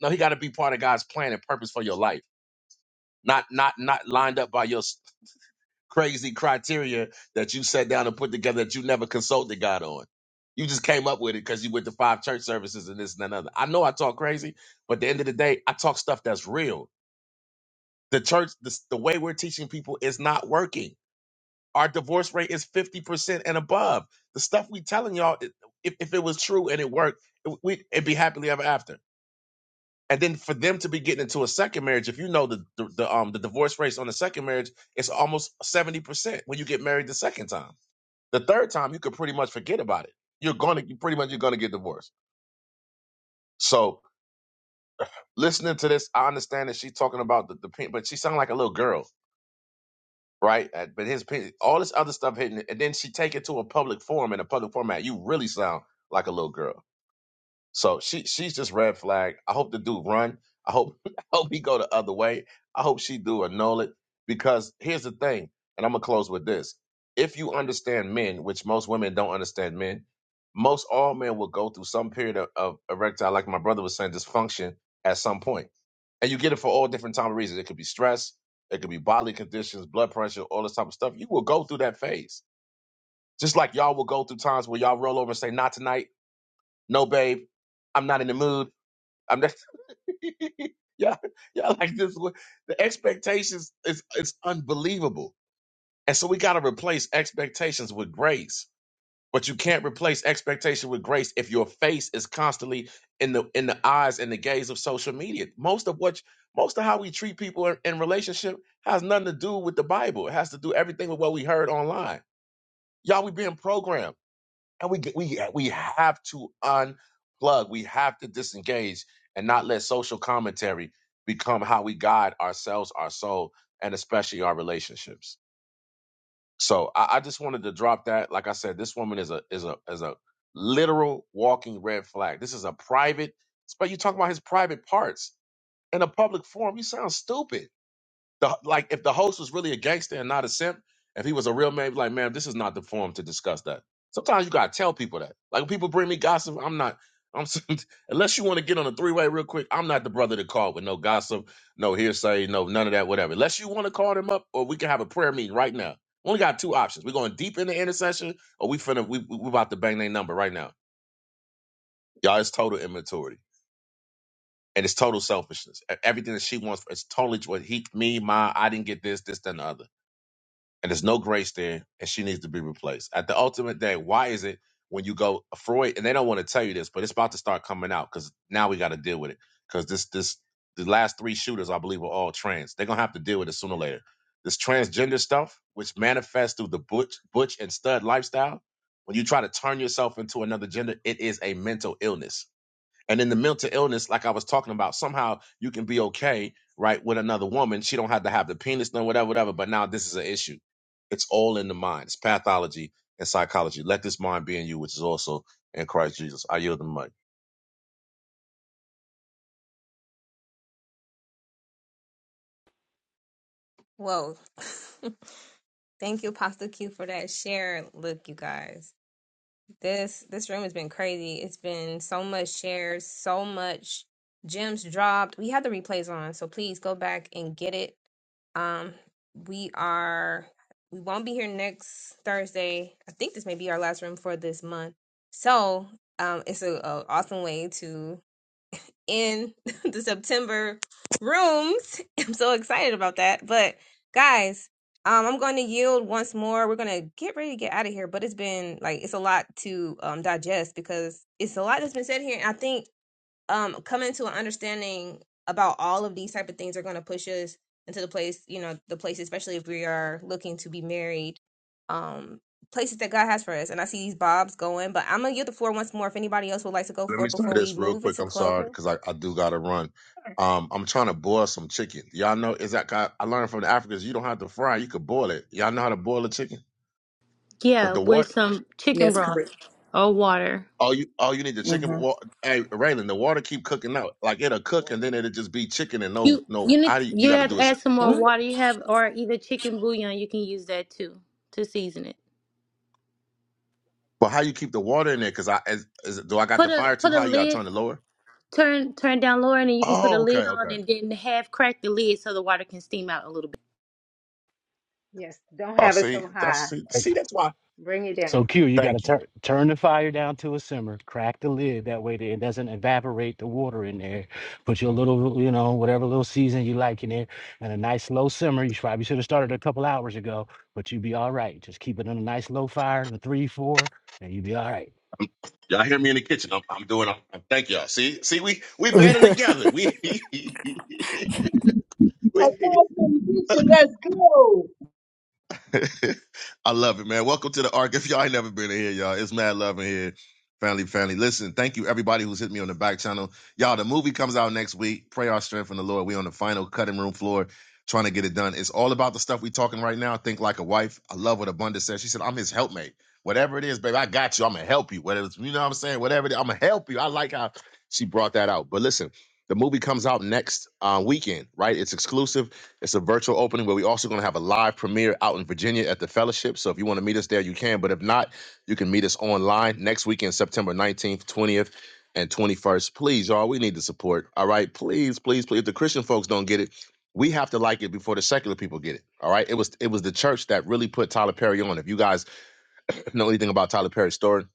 [SPEAKER 15] No, he got to be part of God's plan and purpose for your life, not not not lined up by your s- crazy criteria that you sat down and put together that you never consulted God on. You just came up with it because you went to five church services and this and another. I know I talk crazy, but at the end of the day, I talk stuff that's real. The church, the, the way we're teaching people is not working. Our divorce rate is 50% and above. The stuff we telling y'all, if, if it was true and it worked, it, we, it'd be happily ever after and then for them to be getting into a second marriage if you know the the, the um the divorce rates on the second marriage it's almost 70% when you get married the second time the third time you could pretty much forget about it you're going to you pretty much you're going to get divorced so listening to this i understand that she's talking about the, the pin but she sounded like a little girl right Uh, but his pin all this other stuff hitting it and then she take it to a public forum in a public format you really sound like a little girl So she she's just red flag. I hope the dude run. I hope I hope he go the other way. I hope she do annul it because here's the thing, and I'm gonna close with this. If you understand men, which most women don't understand men, most all men will go through some period of, of erectile, like my brother was saying, dysfunction at some point, and you get it for all different type of reasons. It could be stress, it could be bodily conditions, blood pressure, all this type of stuff. You will go through that phase, just like y'all will go through times where y'all roll over and say, "Not tonight, no, babe, I'm not in the mood." I'm just yeah, yeah, like this. one. The expectations is it's unbelievable, and so we got to replace expectations with grace. But you can't replace expectation with grace if your face is constantly in the in the eyes and the gaze of social media. Most of what most of how we treat people in, in relationship has nothing to do with the Bible. It has to do everything with what we heard online. Y'all, we being programmed and we get- we yeah, we have to unplug. We have to disengage and not let social commentary become how we guide ourselves, our soul, and especially our relationships. So I, I just wanted to drop that. Like I said, this woman is a is a is a literal walking red flag. This is a private. But you talk about his private parts in a public forum. You sound stupid. The, like if the host was really a gangster and not a simp, if he was a real man, he'd be like, man, this is not the forum to discuss that. Sometimes you gotta tell people that. Like when people bring me gossip, I'm not. I'm unless you want to get on a three way real quick. I'm not the brother to call with no gossip, no hearsay, no none of that, whatever. Unless you want to call them up, or we can have a prayer meeting right now. We only got two options. We're going deep in the intercession, or we finna we we about to bang their number right now. Y'all, it's total immaturity and it's total selfishness. E- Everything that she wants, it's totally what he, me, my. I didn't get this, this, then the other. and there's no grace there, and she needs to be replaced. At the ultimate day, why is it when you go uh, Freud, and they don't want to tell you this, but it's about to start coming out because now we got to deal with it because this this the last three shooters I believe were all trans. They're gonna have to deal with it sooner or later. This transgender stuff, which manifests through the butch butch and stud lifestyle, when you try to turn yourself into another gender, it is a mental illness and in the mental illness like i was talking about somehow you can be okay right with another woman she don't have to have the penis no whatever whatever but now this is an issue it's all in the mind it's pathology and psychology let this mind be in you which is also in christ jesus i yield the mic
[SPEAKER 1] Whoa. Thank you, Pastor Q, for that share. Look, you guys. This this room has been crazy. It's been so much shares, so much gems dropped. We had the replays on, so please go back and get it. Um, we are we won't be here next Thursday. I think this may be our last room for this month. So um, it's a, a awesome way to in the September rooms. I'm so excited about that. But guys, um, I'm going to yield once more. We're going to get ready to get out of here. But it's been like it's a lot to um, digest because it's a lot that's been said here. And I think um, coming to an understanding about all of these type of things are going to push us into the place, you know, the place, especially if we are looking to be married. Um, places that God has for us. And I see these bobs going, but I'm gonna yield the floor once more if anybody else would like to go
[SPEAKER 15] let
[SPEAKER 1] forth
[SPEAKER 15] me say
[SPEAKER 1] before we
[SPEAKER 15] this real
[SPEAKER 1] move
[SPEAKER 15] quick
[SPEAKER 1] into
[SPEAKER 15] i'm sorry
[SPEAKER 1] closing.
[SPEAKER 15] because I, I do gotta run um, I'm trying to boil some chicken. Y'all know is that I learned from the Africans you don't have to fry, you could boil it. Y'all know how to boil a chicken?
[SPEAKER 4] Yeah,
[SPEAKER 15] But the water
[SPEAKER 4] with some chicken
[SPEAKER 5] Yes.
[SPEAKER 4] broth or water.
[SPEAKER 15] Oh, you oh you need the chicken.
[SPEAKER 5] hmm
[SPEAKER 15] Well, hey, Raylan, the water keep cooking out. Like it'll cook and
[SPEAKER 17] Water.
[SPEAKER 15] then it'll just be chicken and no
[SPEAKER 4] You you
[SPEAKER 15] no.
[SPEAKER 4] need
[SPEAKER 15] How do you, you
[SPEAKER 4] you
[SPEAKER 15] got to
[SPEAKER 4] have
[SPEAKER 15] do
[SPEAKER 4] to
[SPEAKER 15] it?
[SPEAKER 4] add some more water. You have or either chicken bouillon. You can use that too to season it.
[SPEAKER 15] But how you keep the water in there? Because I is, is do I got
[SPEAKER 4] Put
[SPEAKER 15] the
[SPEAKER 4] a
[SPEAKER 15] fire too
[SPEAKER 4] put a
[SPEAKER 15] high? You got to
[SPEAKER 4] lid
[SPEAKER 15] turn it lower.
[SPEAKER 4] turn turn down lower and then you can put a
[SPEAKER 15] Oh,
[SPEAKER 4] lid
[SPEAKER 15] okay,
[SPEAKER 4] on
[SPEAKER 15] okay.
[SPEAKER 4] and then half crack the lid so the water can steam out a little. bit.
[SPEAKER 17] Yes, don't
[SPEAKER 15] Oh,
[SPEAKER 17] have it
[SPEAKER 15] see
[SPEAKER 17] so
[SPEAKER 15] that's
[SPEAKER 17] high.
[SPEAKER 15] see,
[SPEAKER 16] Right.
[SPEAKER 15] see that's why.
[SPEAKER 17] Bring it down
[SPEAKER 16] So Q,
[SPEAKER 17] some.
[SPEAKER 16] you got to
[SPEAKER 15] Thank you.
[SPEAKER 16] turn turn the fire down to a simmer, crack the lid that way that it doesn't evaporate the water in there. Put your little, you know, whatever little season you like in there, and a nice low simmer. You probably should have started a couple hours ago, but you'd be all right. Just keep it on a nice low fire, the three, four, and you'd be all right.
[SPEAKER 15] Y'all hear me in the kitchen? I'm, I'm doing. I'm, thank y'all. See see we we better together. We. we
[SPEAKER 18] Apostle and let's go.
[SPEAKER 15] I love it, man. Welcome to the arc. If y'all ain't never been in here, y'all, it's mad love in here. Family, family. Listen, thank you everybody who's hit me on the back channel. Y'all, the movie comes out next week. Pray our strength in the Lord. We on the final cutting room floor trying to get it done. It's all about the stuff we talking right now. Think like a wife. I love what Abundance said. She said, I'm his helpmate. Whatever it is, baby, I got you. I'm gonna help you. Whether it's, you know what I'm saying? Whatever it is, I'm gonna help you. I like how she brought that out. But listen, the movie comes out next uh, weekend, right? It's exclusive. It's a virtual opening, but we're also going to have a live premiere out in Virginia at the Fellowship. So if you want to meet us there, you can. But if not, you can meet us online next weekend, September 19th, 20th, and 21st. Please, y'all, we need the support. All right. Please, please, please. If the Christian folks don't get it, we have to like it before the secular people get it. All right. It was it was the church that really put Tyler Perry on. If you guys know anything about Tyler Perry's story,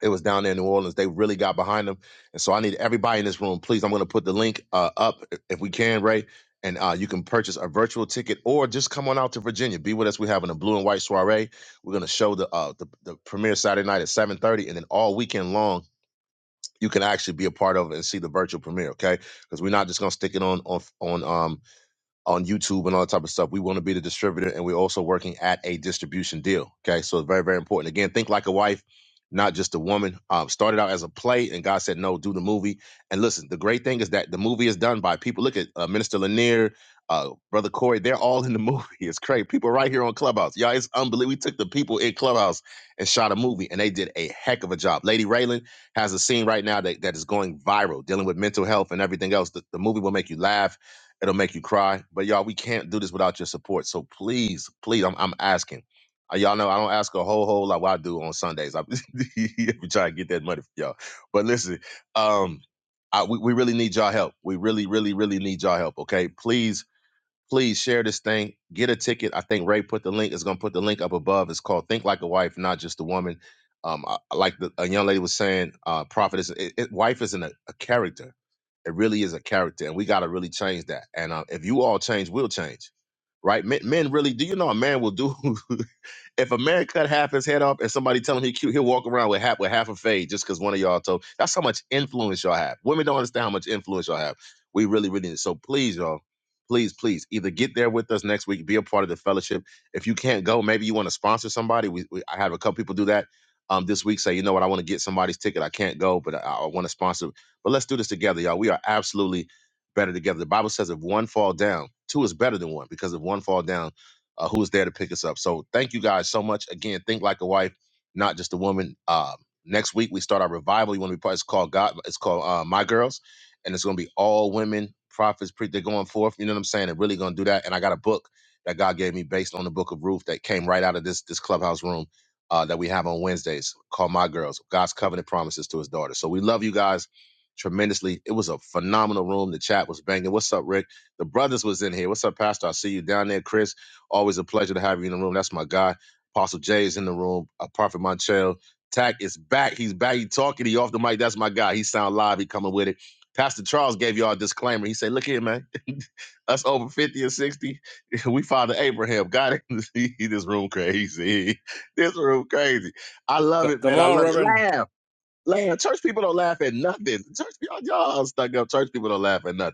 [SPEAKER 15] it was down there in New Orleans. They really got behind them. And so I need everybody in this room, please. I'm going to put the link uh, up if we can, Ray. And uh, you can purchase a virtual ticket or just come on out to Virginia. Be with us. We're having a blue and white soiree. We're going to show the, uh, the the premiere Saturday night at 7.30. And then all weekend long, you can actually be a part of it and see the virtual premiere, okay? Because we're not just going to stick it on on on um, on YouTube and all that type of stuff. We want to be the distributor and we're also working at a distribution deal. Okay. So it's very, very important. Again, think like a wife, not just a woman. Um, started out as a play and God said, no, do the movie. And listen, the great thing is that the movie is done by people. Look at uh, Minister Lanier, uh, Brother Corey, they're all in the movie. It's crazy. People right here on Clubhouse. Y'all, it's unbelievable. We took the people in Clubhouse and shot a movie and they did a heck of a job. Lady Raylan has a scene right now that, that is going viral, dealing with mental health and everything else. The, the movie will make you laugh It'll make you cry. But y'all, we can't do this without your support. So please, please, I'm, I'm asking. Uh, Y'all know I don't ask a whole whole lot. What I do on Sundays, I'm trying to get that money for y'all. But listen, um, I, we we really need y'all help. We really, really, really need y'all help. Okay, please, please share this thing. Get a ticket. I think Ray put the link. Is gonna put the link up above. It's called "Think Like a Wife, Not Just a Woman." Um, I, I like the, a young lady was saying, uh, "Prophet is it, it, wife isn't a, a character." It really is a character, and we got to really change that. And uh, if you all change, we'll change, right? Men, men really do. You know, a man will do. If a man cut half his head off and somebody tell him he cute, he'll walk around with half with half a fade just because one of y'all told. That's how much influence y'all have. Women don't understand how much influence y'all have. We really, really need. So please, y'all, please, please, either get there with us next week, be a part of the fellowship. If you can't go, maybe you want to sponsor somebody. We, we I have a couple people do that. Um, this week, say you know what, I want to get somebody's ticket. I can't go, but I, I want to sponsor. But let's do this together, y'all. We are absolutely better together. The Bible says if one fall down, two is better than one because if one fall down uh, who is there to pick us up. So thank you guys so much. Again, think like a wife, not just a woman. Um, next week we start our revival. You want to be part? It's called God. It's called uh, My Girls, and it's going to be all women prophets. Pre- they're going forth. You know what I'm saying? They're really going to do that. And I got a book that God gave me based on the book of Ruth that came right out of this this clubhouse room. Uh, that we have on Wednesdays called My Girls, God's Covenant Promises to His Daughter. So we love you guys tremendously. It was a phenomenal room. The chat was banging. What's up, Rick? The brothers was in here. What's up, Pastor? I see you down there, Chris. Always a pleasure to have you in the room. That's my guy. Apostle Jay is in the room. Uh, Prophet Montel. Tack is back. He's back. He talking. He off the mic. That's my guy. He sound live. He coming with it. Pastor Charles gave y'all a disclaimer. He said, look here, man. Us over 50 or 60. We father Abraham. God, he- this room crazy. This room crazy. I
[SPEAKER 14] C-
[SPEAKER 15] love it,
[SPEAKER 14] come
[SPEAKER 15] man. I
[SPEAKER 14] on,
[SPEAKER 15] love it.
[SPEAKER 14] Reverend.
[SPEAKER 15] Laugh. Laugh. Church people don't laugh at nothing. Church you y'all stuck up. Church people don't laugh at nothing.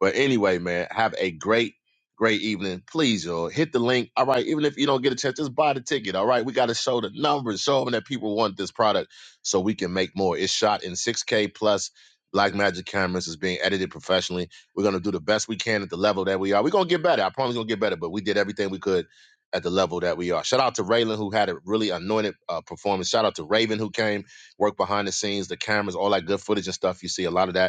[SPEAKER 15] But anyway, man, have a great, great evening. Please, y'all, hit the link. All right, even if you don't get a chance, just buy the ticket. All right, we got to show the numbers, show them that people want this product so we can make more. It's shot in 6K plus. Blackmagic cameras It's being edited professionally. We're gonna do the best we can at the level that we are. We're gonna get better. I promise we're gonna get better, but we did everything we could at the level that we are. Shout out to Raylan who had a really anointed uh, performance. Shout out to Raven who came, worked behind the scenes, the cameras, all that good footage and stuff. You see a lot of that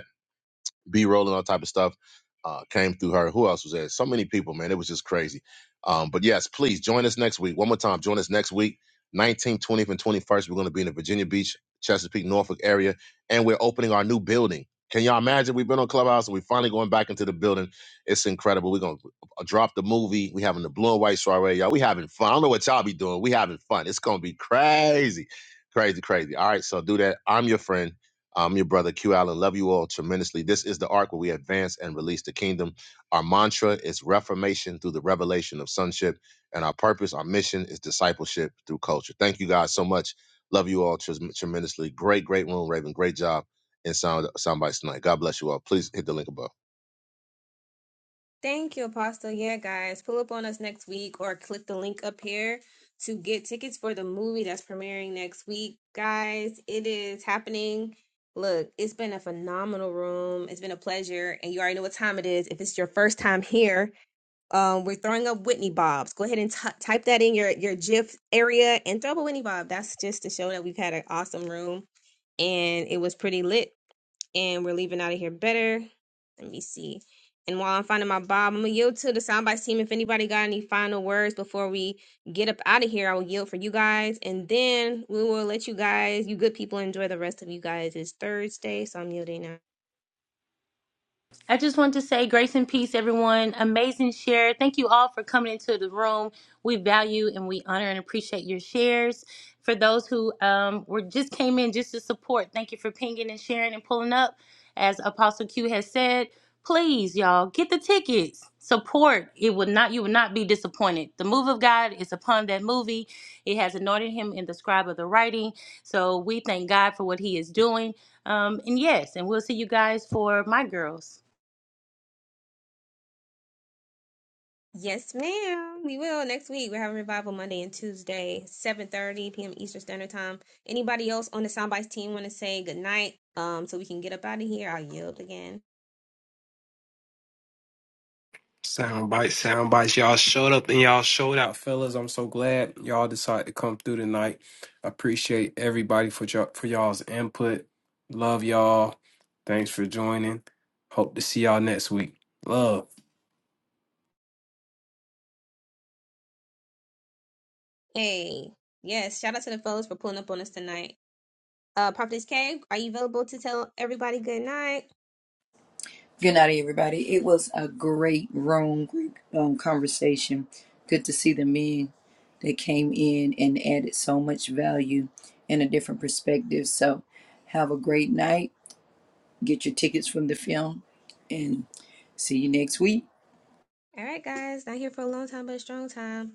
[SPEAKER 15] B roll and all type of stuff uh, came through her. Who else was there? So many people, man. It was just crazy. Um, but yes, please join us next week. One more time, join us next week, 19th, 20th, and 21st. We're going to be in the Virginia Beach, Chesapeake, Norfolk area, and we're opening our new building. Can y'all imagine? We've been on Clubhouse and we're finally going back into the building. It's incredible. We're going to drop the movie. we having the blue and white soiree, y'all. we having fun. I don't know what y'all be doing. we having fun. It's going to be crazy, crazy, crazy. All right, so do that. I'm your friend. I'm your brother Q Allen. Love you all tremendously. This is the arc where we advance and release the kingdom. Our mantra is reformation through the revelation of sonship, and our purpose, our mission is discipleship through culture. Thank you guys so much. Love you all tres- tremendously. Great, great room, Raven. Great job in sound soundbites tonight. God bless you all. Please hit the link above.
[SPEAKER 1] Thank you, Apostle. Yeah, guys, pull up on us next week or click the link up here to get tickets for the movie that's premiering next week. Guys, it is happening. Look, it's been a phenomenal room. It's been a pleasure. And you already know what time it is. If it's your first time here, um, we're throwing up Whitney Bobs. Go ahead and t- type that in your, your GIF area and throw up a Whitney Bob. That's just to show that we've had an awesome room and it was pretty lit and we're leaving out of here better. Let me see. And while I'm finding my bob, I'm gonna yield to the soundbites team. If anybody got any final words before we get up out of here, I will yield for you guys, and then we will let you guys, you good people, enjoy the rest of you guys. It's Thursday, so I'm yielding now.
[SPEAKER 4] I just want to say grace and peace, everyone. Amazing share. Thank you all for coming into the room. We value and we honor and appreciate your shares. For those who um, were just came in just to support, thank you for pinging and sharing and pulling up. As Apostle Q has said, please, y'all, get the tickets. Support. It would not. You would not be disappointed. The move of God is upon that movie. It has anointed him in the scribe of the writing. So we thank God for what He is doing. Um, and yes, and we'll see you guys for my girls.
[SPEAKER 1] Yes, ma'am. We will next week. We're having revival Monday and Tuesday, 7:30 p.m. Eastern Standard Time. Anybody else on the soundbites team want to say good night? Um, so we can get up out of here. I'll yield again.
[SPEAKER 3] Sound bites, sound bites. Y'all showed up and y'all showed out, fellas. I'm so glad y'all decided to come through tonight. Appreciate everybody for y'all for y'all's input. Love y'all. Thanks for joining. Hope to see y'all next week. Love.
[SPEAKER 1] Hey, yes. Shout out to the fellas for pulling up on us tonight. Uh, Prophetess K, are you available to tell everybody good night?
[SPEAKER 5] Good night, everybody. It was a great room, great um, conversation. Good to see the men that came in and added so much value and a different perspective. So, have a great night. get your tickets from the film and see you next week.
[SPEAKER 1] All right, guys, not here for a long time, but a strong time.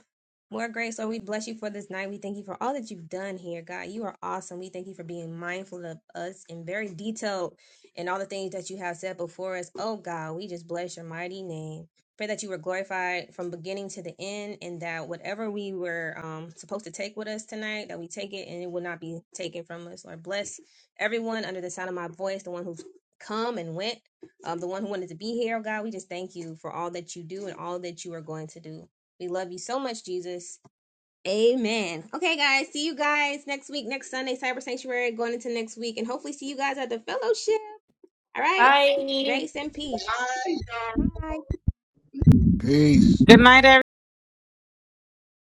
[SPEAKER 1] More grace, Lord, we bless you for this night. We thank you for all that you've done here, God. You are awesome. We thank you for being mindful of us and very detailed in all the things that you have said before us. Oh, God, we just bless your mighty name. Pray that you were glorified from beginning to the end and that whatever we were um, supposed to take with us tonight, that we take it and it will not be taken from us. Lord, bless everyone under the sound of my voice, the one who's come and went. um, the one who wanted to be here, oh God. We just thank you for all that you do and all that you are going to do. We love you so much, Jesus. Amen. Okay, guys, see you guys next week, next Sunday, Cyber Sanctuary, going into next week, and hopefully see you guys at the fellowship. All right,
[SPEAKER 10] Bye.
[SPEAKER 1] grace and peace. Bye.
[SPEAKER 9] Peace.
[SPEAKER 7] Good night, everyone.